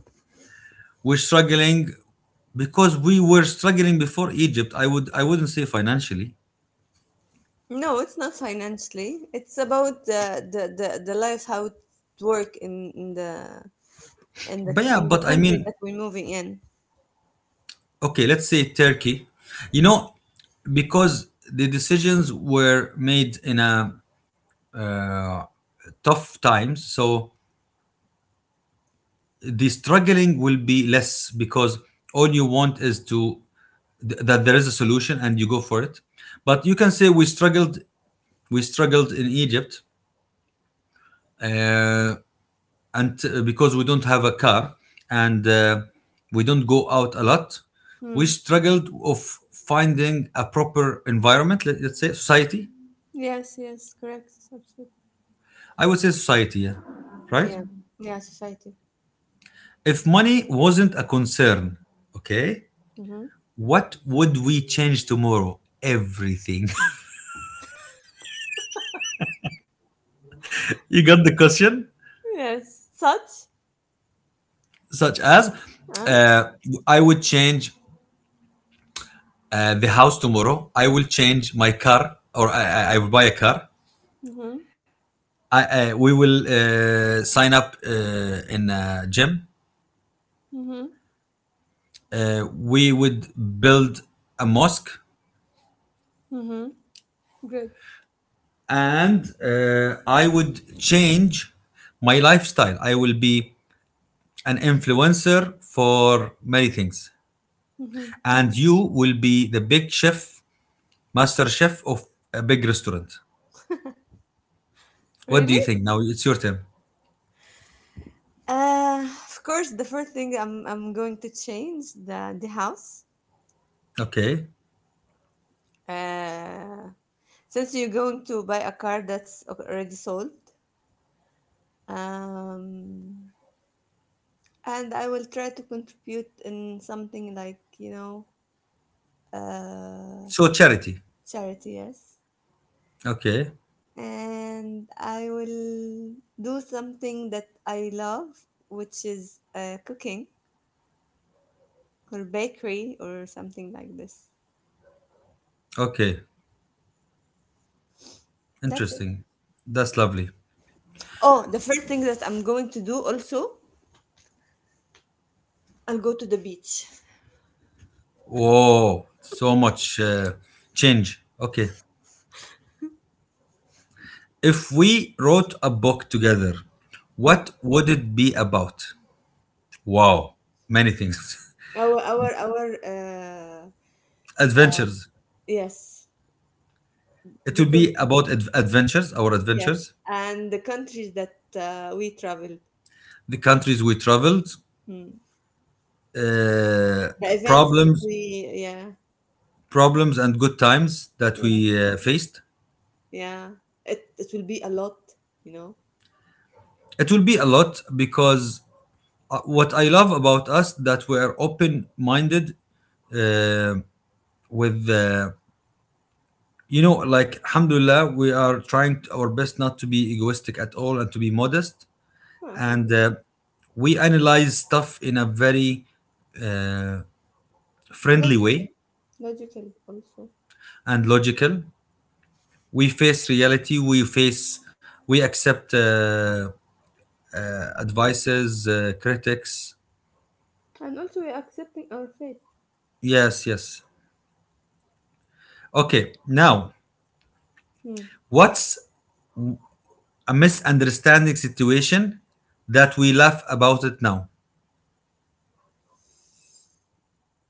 Speaker 1: We're struggling because we were struggling before Egypt. I wouldn't say financially.
Speaker 2: No, it's not financially. It's about the life how it work in the
Speaker 1: But yeah,
Speaker 2: in the
Speaker 1: but I
Speaker 2: country
Speaker 1: mean,
Speaker 2: that we're moving in.
Speaker 1: okay, let's say Turkey. You know, because the decisions were made in a uh, tough times, so the struggling will be less because all you want is to that there is a solution and you go for it. But you can say we struggled in Egypt, uh, and because we don't have a car and we don't go out a lot, we
Speaker 2: Hmm.
Speaker 1: struggled of finding a proper environment, let us say society.
Speaker 2: Yes, yes, correct. Absolutely.
Speaker 1: I would say society, yeah. Right?
Speaker 2: Yeah. Yeah, society.
Speaker 1: If money wasn't a concern, okay,
Speaker 2: Mm-hmm.
Speaker 1: what would we change tomorrow? Everything. *laughs* You got the question?
Speaker 2: Yes. Such?
Speaker 1: Such as,
Speaker 2: Huh?
Speaker 1: uh, I would change the house tomorrow. I will change my car, or I will buy a car.
Speaker 2: Mm-hmm.
Speaker 1: I, I, we will sign up in a gym.
Speaker 2: Mm-hmm.
Speaker 1: We would build a mosque,
Speaker 2: Mm-hmm. Good.
Speaker 1: and I would change my lifestyle. I will be an influencer for many things.
Speaker 2: Mm-hmm.
Speaker 1: And you will be the big chef, master chef of a big restaurant. What do
Speaker 2: Really?
Speaker 1: you think? Now it's your turn.
Speaker 2: Of course, the first thing I'm going to change the house.
Speaker 1: Okay.
Speaker 2: Uh, since you're going to buy a car that's already sold, um, and I will try to contribute in something like uh,
Speaker 1: So charity.
Speaker 2: charity. Yes,
Speaker 1: Okay.
Speaker 2: and I will do something that I love, which is cooking or bakery or something like this.
Speaker 1: Okay.
Speaker 2: That's it.
Speaker 1: Interesting. That's lovely.
Speaker 2: Oh, the first thing that I'm going to do also, I'll go to the beach.
Speaker 1: Whoa. So much change. Okay. If we wrote a book together,
Speaker 2: Hmm.
Speaker 1: what would it be about? Wow. Many things.
Speaker 2: Our uh,
Speaker 1: *laughs* Adventures.
Speaker 2: yes,
Speaker 1: It would
Speaker 2: because
Speaker 1: be about adventures, our
Speaker 2: yes,
Speaker 1: adventures.
Speaker 2: and the countries that we traveled,
Speaker 1: The countries we traveled,
Speaker 2: hmm.
Speaker 1: uh,
Speaker 2: The events that
Speaker 1: problems,
Speaker 2: we, yeah,
Speaker 1: problems, and good times that
Speaker 2: yes,
Speaker 1: we faced.
Speaker 2: yeah, it will be a lot, you know.
Speaker 1: It will be a lot because what I love about us, that we are open-minded uh, with. You know, like, alhamdulillah, we are trying our best not to be egoistic at all and to be modest.
Speaker 2: Ah,
Speaker 1: And
Speaker 2: alhamdulillah.
Speaker 1: we analyze stuff in a very uh, friendly way
Speaker 2: Logical, logical also,
Speaker 1: and logical. We face reality, we face, we accept advices, critics.
Speaker 2: and also we're accepting our fate.
Speaker 1: Yes, yes. Okay, now,
Speaker 2: Hmm.
Speaker 1: what's a misunderstanding situation that we laugh about it now?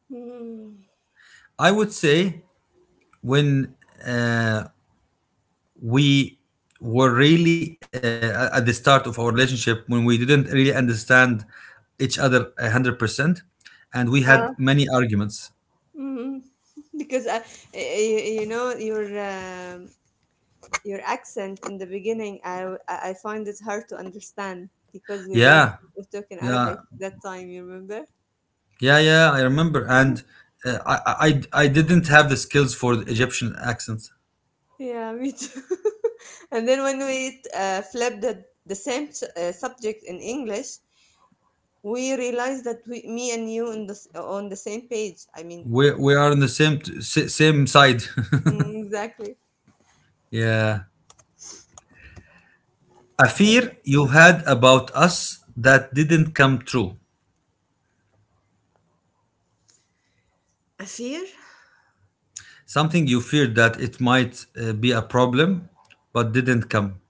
Speaker 2: Hmm.
Speaker 1: I would say when uh, we were really at the start of our relationship, when we didn't really understand each other 100%, and we had
Speaker 2: Ah.
Speaker 1: many arguments.
Speaker 2: Mm, because I, you know, you're your accent in the beginning, I find it hard to understand because we used
Speaker 1: Yeah,
Speaker 2: to talk in Arabic
Speaker 1: yeah.
Speaker 2: that time. You remember?
Speaker 1: Yeah, yeah, I remember. And I didn't have the skills for the Egyptian accent.
Speaker 2: Yeah, me too. *laughs* And then when we flipped the same subject in English, we realized that we, me and you in the on the same page. I mean,
Speaker 1: We are on the same same side.
Speaker 2: mm, exactly.
Speaker 1: *laughs* Yeah. A fear you had about us that didn't come true.
Speaker 2: A fear?
Speaker 1: Something you feared that it might be a problem, but didn't come.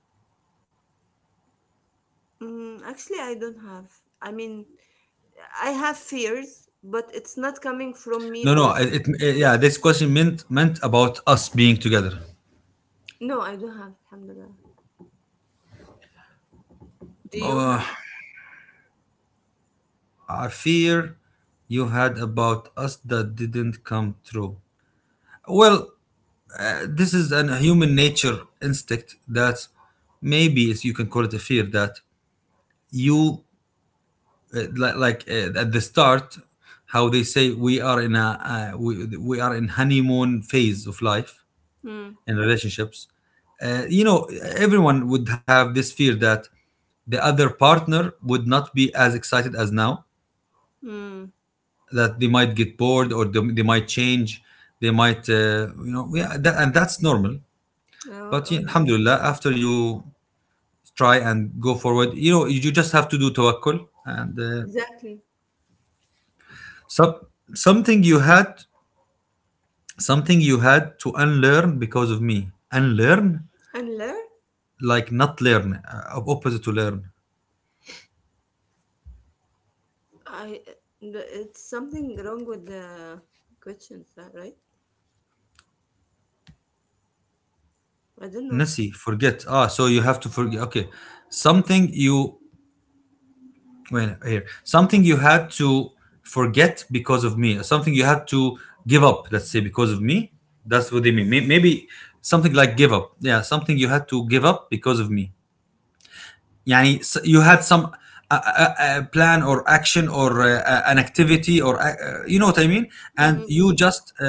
Speaker 2: Mm, actually, I don't have. I mean, I have fears, but it's not coming from me
Speaker 1: No,
Speaker 2: or.
Speaker 1: no. Yeah, this question meant about us being together.
Speaker 2: No, I don't have. Alhamdulillah. Do you
Speaker 1: Uh,
Speaker 2: have?
Speaker 1: a fear you had about us that didn't come true. Well, this is a human nature instinct that maybe is you can call it a fear that you li- like at the start, how they say we are in a we are in honeymoon phase of life
Speaker 2: Hmm.
Speaker 1: in relationships. You know, everyone would have this fear that the other partner would not be as excited as now,
Speaker 2: Hmm.
Speaker 1: that they might get bored or they might change, they might yeah, that, and that's normal.
Speaker 2: Oh,
Speaker 1: But
Speaker 2: oh
Speaker 1: yeah,
Speaker 2: yeah,
Speaker 1: alhamdulillah, after you try and go forward, you know, you just have to do tawakkul and
Speaker 2: exactly.
Speaker 1: so, something you had, something you had to unlearn because of me. Unlearn,
Speaker 2: And learn,
Speaker 1: like not learn, opposite to learn.
Speaker 2: I it's something wrong with the questions, right? I don't know.
Speaker 1: Nasi, forget. Ah, so you have to forget. Okay, something you, wait, here, something you had to forget because of me, something you had to give up, let's say, because of me. That's what they mean. Maybe something like give up. Yeah, something you had to give up because of me. يعني, you had some plan or action or an activity or you know what I mean, and you
Speaker 2: Mm-mm.
Speaker 1: just uh,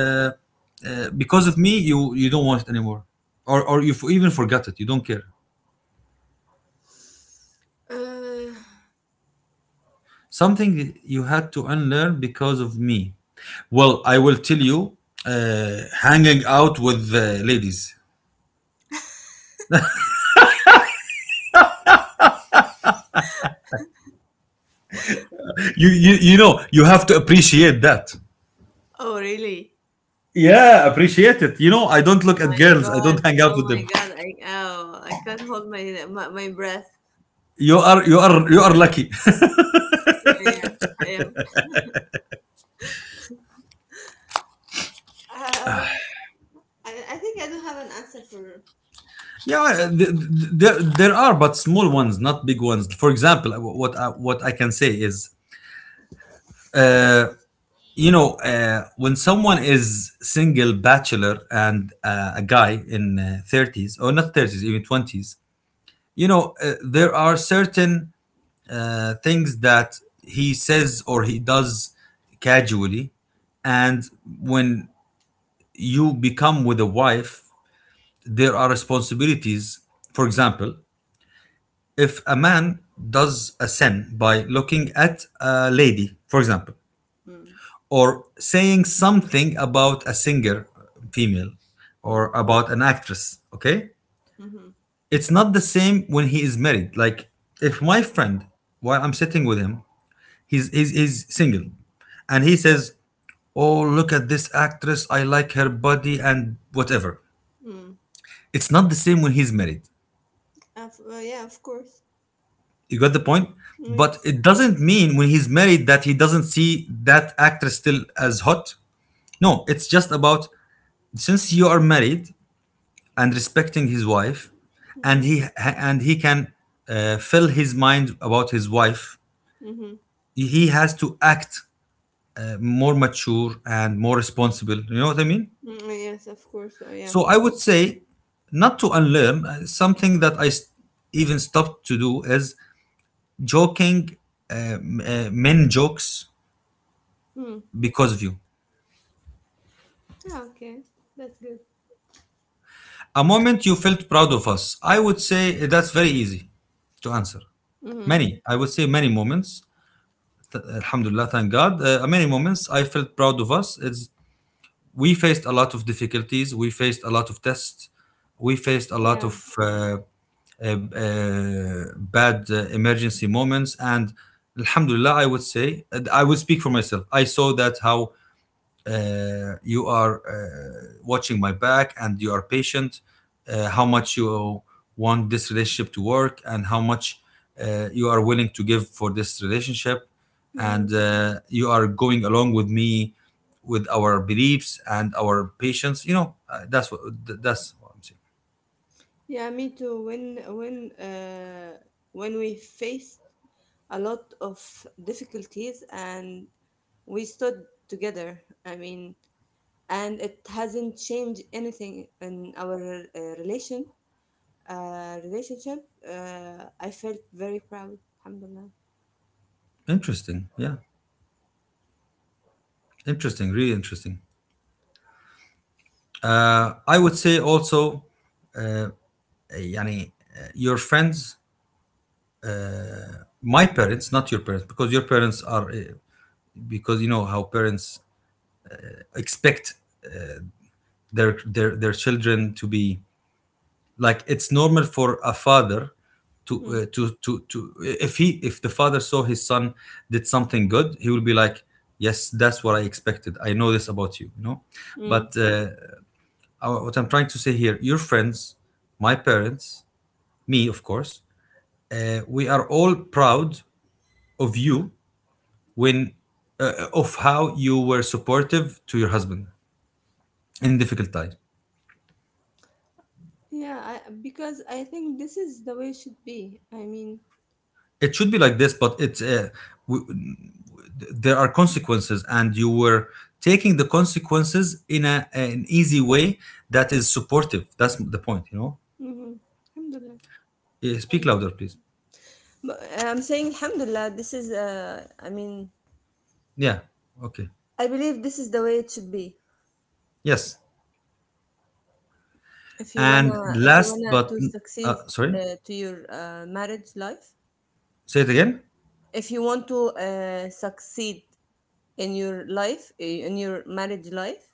Speaker 1: uh, because of me you don't want it anymore, or you even forgot it, you don't care.
Speaker 2: Uh,
Speaker 1: Something you had to unlearn because of me. Well, I will tell you, uh, hanging out with ladies. You know you have to appreciate that.
Speaker 2: oh really?
Speaker 1: Yeah, appreciate it. You know, I don't look at
Speaker 2: My
Speaker 1: girls, I
Speaker 2: God!
Speaker 1: don't hang out
Speaker 2: Oh
Speaker 1: with
Speaker 2: my
Speaker 1: them.
Speaker 2: God! I oh I can't hold my breath.
Speaker 1: You are lucky.
Speaker 2: Yeah, I am. Uh, I think I don't have an answer for.
Speaker 1: Yeah, there are, but small ones, not big ones. For example, what I can say is, uh, you know, when someone is single bachelor and a guy in 30s, or not 30s, even 20s, you know, there are certain things that he says or he does casually, and when you become with a wife, there are responsibilities. For example, if a man does a sin by looking at a lady, for example,
Speaker 2: Mm,
Speaker 1: or saying something about a singer, female, or
Speaker 2: mm,
Speaker 1: about an actress, okay,
Speaker 2: mm-hmm.
Speaker 1: it's not the same when he is married. Like if my friend, while I'm sitting with him, he's single, and he
Speaker 2: Yeah.
Speaker 1: says, "Oh, look at this actress. I like her body and whatever."
Speaker 2: Mm.
Speaker 1: It's not the same when he's married.
Speaker 2: Yeah, of course.
Speaker 1: You got the point?
Speaker 2: Mm,
Speaker 1: But
Speaker 2: yes.
Speaker 1: it doesn't mean when he's married that he doesn't see that actress still as hot. No, it's just about, since you are married and respecting his wife, and
Speaker 2: Mm-hmm.
Speaker 1: he and he can fill his mind about his wife.
Speaker 2: Mm-hmm.
Speaker 1: He has to act more mature and more responsible. You know what I mean?
Speaker 2: Mm, yes, of course. Oh yeah.
Speaker 1: So I would say, not to unlearn, something that even stopped to do is joking, men jokes,
Speaker 2: Mm.
Speaker 1: because of you.
Speaker 2: Ah, okay, that's good.
Speaker 1: A moment you felt proud of us. I would say that's very easy to answer.
Speaker 2: Mm-hmm.
Speaker 1: Many, I would say many moments. Alhamdulillah, thank God. Many moments I felt proud of us. It's, we faced a lot of difficulties. We faced a lot of tests. We faced a lot
Speaker 2: Yeah.
Speaker 1: of bad emergency moments. And alhamdulillah, I would say, I would speak for myself. I saw that how you are watching my back and you are patient, how
Speaker 2: Mm-hmm.
Speaker 1: much you want this relationship to work, and how much you are willing to give for this relationship. And
Speaker 2: Mm-hmm.
Speaker 1: you are going along with me, with our beliefs and our patience. You know, that's what that's what I'm saying.
Speaker 2: Yeah, me too. When when we faced a lot of difficulties and we stood together. I mean, and it hasn't changed anything in our relationship. I felt very proud. Alhamdulillah.
Speaker 1: Interesting. Yeah. Interesting. Really interesting. I would say also, يعني, your friends, my parents, not your parents, because your parents are because you know how parents expect their children to be. Like, it's normal for a father to
Speaker 2: Mm.
Speaker 1: if he if the father saw his son did something good, he will be like, yes, that's what I expected, I know this about you, you know.
Speaker 2: Mm.
Speaker 1: But what I'm trying to say here, your friends, my parents, me, of course, we are all proud of you, when of how you were supportive to your husband in difficult times.
Speaker 2: Yeah, I, because I think this is the way it should be. I mean,
Speaker 1: It should be like this, but it's w- there are consequences, and you were taking the consequences in an easy way. That is supportive. That's the point, you know.
Speaker 2: mm-hmm. Alhamdulillah.
Speaker 1: Eh, speak
Speaker 2: Thank God.
Speaker 1: louder please.
Speaker 2: But I'm saying Alhamdulillah, this is
Speaker 1: Yeah, okay,
Speaker 2: I believe this is the way it should be.
Speaker 1: yes.
Speaker 2: If you
Speaker 1: And
Speaker 2: wanna if you
Speaker 1: last
Speaker 2: wanna
Speaker 1: but
Speaker 2: to succeed
Speaker 1: sorry,
Speaker 2: to your marriage life,
Speaker 1: say it again.
Speaker 2: if you want to succeed in your marriage life,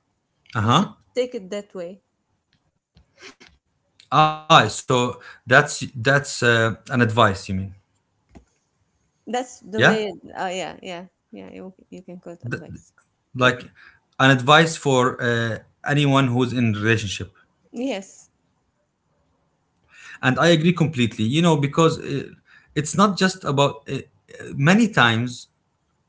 Speaker 2: you should
Speaker 1: Uh-huh.
Speaker 2: take it that way.
Speaker 1: Ah, so that's an advice you mean.
Speaker 2: That's
Speaker 1: Yeah,
Speaker 2: the way. Oh yeah, yeah, yeah. You can call it advice.
Speaker 1: like an advice for anyone who's in relationship.
Speaker 2: Yes.
Speaker 1: And I agree completely, you know, because it's not just about many times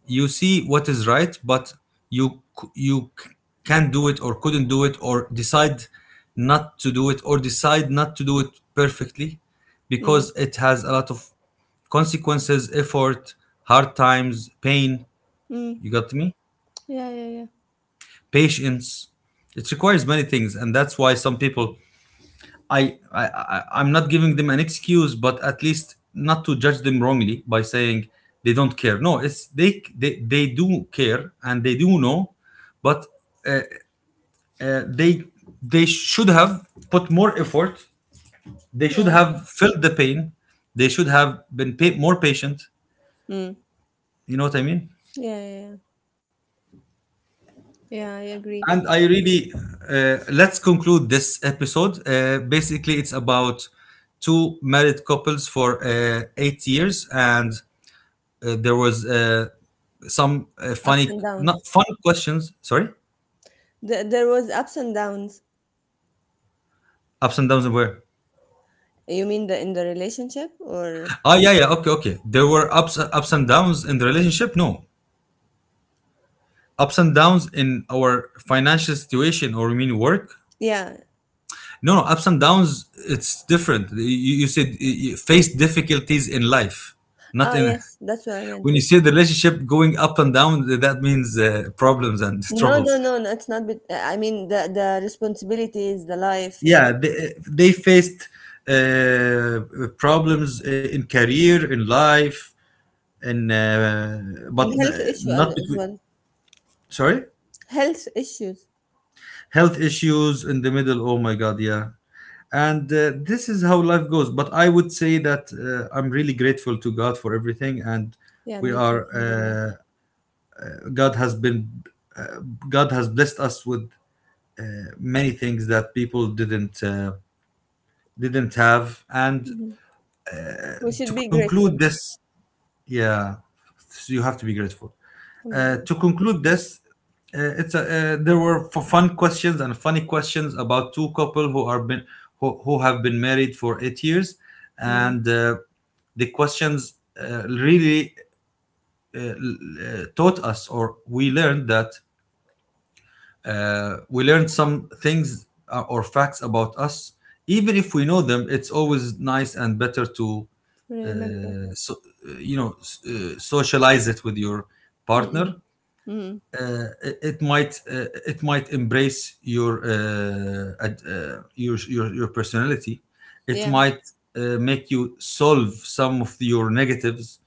Speaker 1: you see what is right, but you c- you c- can't do it, or couldn't do it, or decide not to do it, or decide not to do it perfectly, because
Speaker 2: Mm.
Speaker 1: it has a lot of consequences, effort, hard times, pain.
Speaker 2: Mm.
Speaker 1: You got me.
Speaker 2: Yeah, yeah, yeah.
Speaker 1: Patience. It requires many things, and that's why some people, I'm not giving them an excuse, but at least not to judge them wrongly by saying they don't care. No, it's they do care and they do know, but uh, they they should have put more effort. They should
Speaker 2: Yeah.
Speaker 1: have felt the pain. They should have been more patient.
Speaker 2: Mm.
Speaker 1: You know what I mean?
Speaker 2: Yeah, yeah, yeah. Yeah, I agree.
Speaker 1: And I really, let's conclude this episode. Basically, it's about two married couples for 8 years, and there was some
Speaker 2: Ups
Speaker 1: funny,
Speaker 2: and
Speaker 1: not
Speaker 2: downs.
Speaker 1: fun questions. Sorry,
Speaker 2: There was ups and downs.
Speaker 1: ups and downs were.
Speaker 2: You mean the in the relationship or
Speaker 1: Ah, yeah, yeah. Okay, okay. There were ups and downs in the relationship. No, ups and downs in our financial situation, or you mean work.
Speaker 2: yeah.
Speaker 1: No, no, ups and downs. It's different. You said you you face difficulties in life, not
Speaker 2: Ah,
Speaker 1: in.
Speaker 2: yes, that's what I
Speaker 1: When
Speaker 2: meant.
Speaker 1: you see the relationship going up and down, that means problems and *laughs*
Speaker 2: No, no,
Speaker 1: troubles.
Speaker 2: no, no, it's not bet I mean the responsibilities, the life, you
Speaker 1: Yeah,
Speaker 2: know?
Speaker 1: they faced uh, problems in career in life, and but
Speaker 2: And health issue
Speaker 1: not
Speaker 2: as
Speaker 1: between.
Speaker 2: well.
Speaker 1: Sorry.
Speaker 2: Health issues.
Speaker 1: Health issues in the middle. Oh my god, yeah. And this is how life goes, but I would say that I'm really grateful to God for everything, and
Speaker 2: Yeah,
Speaker 1: we
Speaker 2: me too,
Speaker 1: are
Speaker 2: alhamdulillah.
Speaker 1: God has been uh, God has blessed us with many things that people didn't have, and
Speaker 2: Hmm. We should
Speaker 1: to
Speaker 2: be
Speaker 1: conclude
Speaker 2: grateful.
Speaker 1: this. Yeah, so you have to be grateful.
Speaker 2: Alhamdulillah.
Speaker 1: To conclude this, it's there were fun questions and funny questions about two couple who are who have been married for 8 years,
Speaker 2: Mm.
Speaker 1: and the questions really uh, l- taught us, or we learned that we learned some things or facts about us. Even if we know them, it's always nice and better to,
Speaker 2: Remember.
Speaker 1: uh, so, you know, socialize it with your
Speaker 2: Mm-mm.
Speaker 1: partner.
Speaker 2: Mm.
Speaker 1: It, it might embrace your your, your personality. It
Speaker 2: Yeah.
Speaker 1: might make you solve some of your negatives.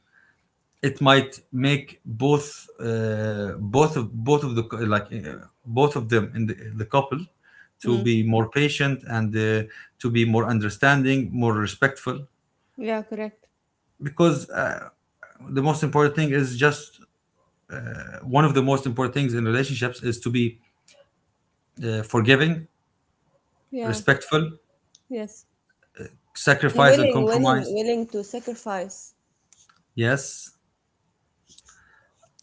Speaker 1: It might make both of the both of them in the couple to
Speaker 2: Mm.
Speaker 1: be more patient, and to be more understanding, more respectful,
Speaker 2: Yeah, correct.
Speaker 1: because the most important thing is just one of the most important things in relationships is to be forgiving,
Speaker 2: Yeah,
Speaker 1: respectful,
Speaker 2: yes. And
Speaker 1: sacrifice and compromise.
Speaker 2: willing to sacrifice.
Speaker 1: Yes.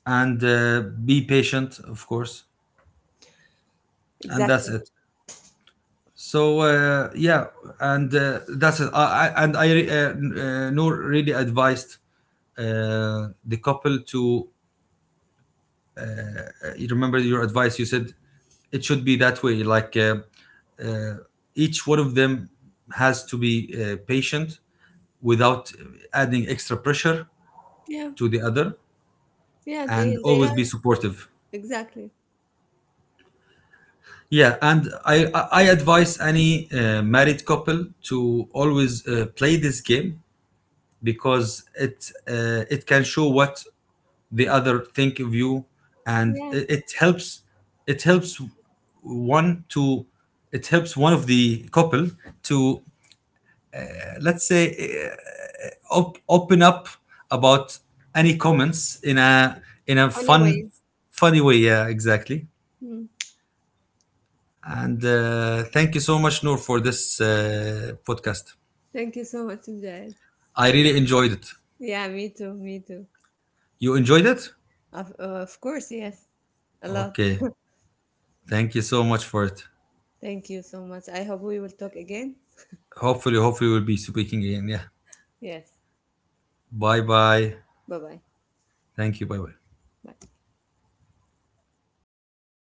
Speaker 1: And be patient, of course. And that's
Speaker 2: Exactly.
Speaker 1: it. So yeah, and that's it. I and I re- Noor really advised the couple to, you remember your advice. You said it should be that way. Like uh, each one of them has to be patient without adding extra pressure
Speaker 2: Yeah.
Speaker 1: to the other,
Speaker 2: Yeah,
Speaker 1: and
Speaker 2: they are.
Speaker 1: always be supportive.
Speaker 2: Exactly.
Speaker 1: Yeah, and I advise any married couple to always play this game, because it it can show what the other think of you, and
Speaker 2: Yeah.
Speaker 1: it helps, it helps one to, it helps one of the couple to let's say open up about any comments in a, in a fun,
Speaker 2: Anyway.
Speaker 1: funny way. Yeah, exactly.
Speaker 2: Mm.
Speaker 1: And thank you so much, Noor, for this podcast.
Speaker 2: Thank you so much, Mujahid.
Speaker 1: I really enjoyed it.
Speaker 2: Yeah, me too.
Speaker 1: You enjoyed it.
Speaker 2: Of course, yes, a lot.
Speaker 1: Okay,
Speaker 2: *laughs*
Speaker 1: thank you so much for it.
Speaker 2: Thank you so much. I hope we will talk again.
Speaker 1: Hopefully, hopefully we'll be speaking again. Yeah. Bye bye. Thank you. Bye bye.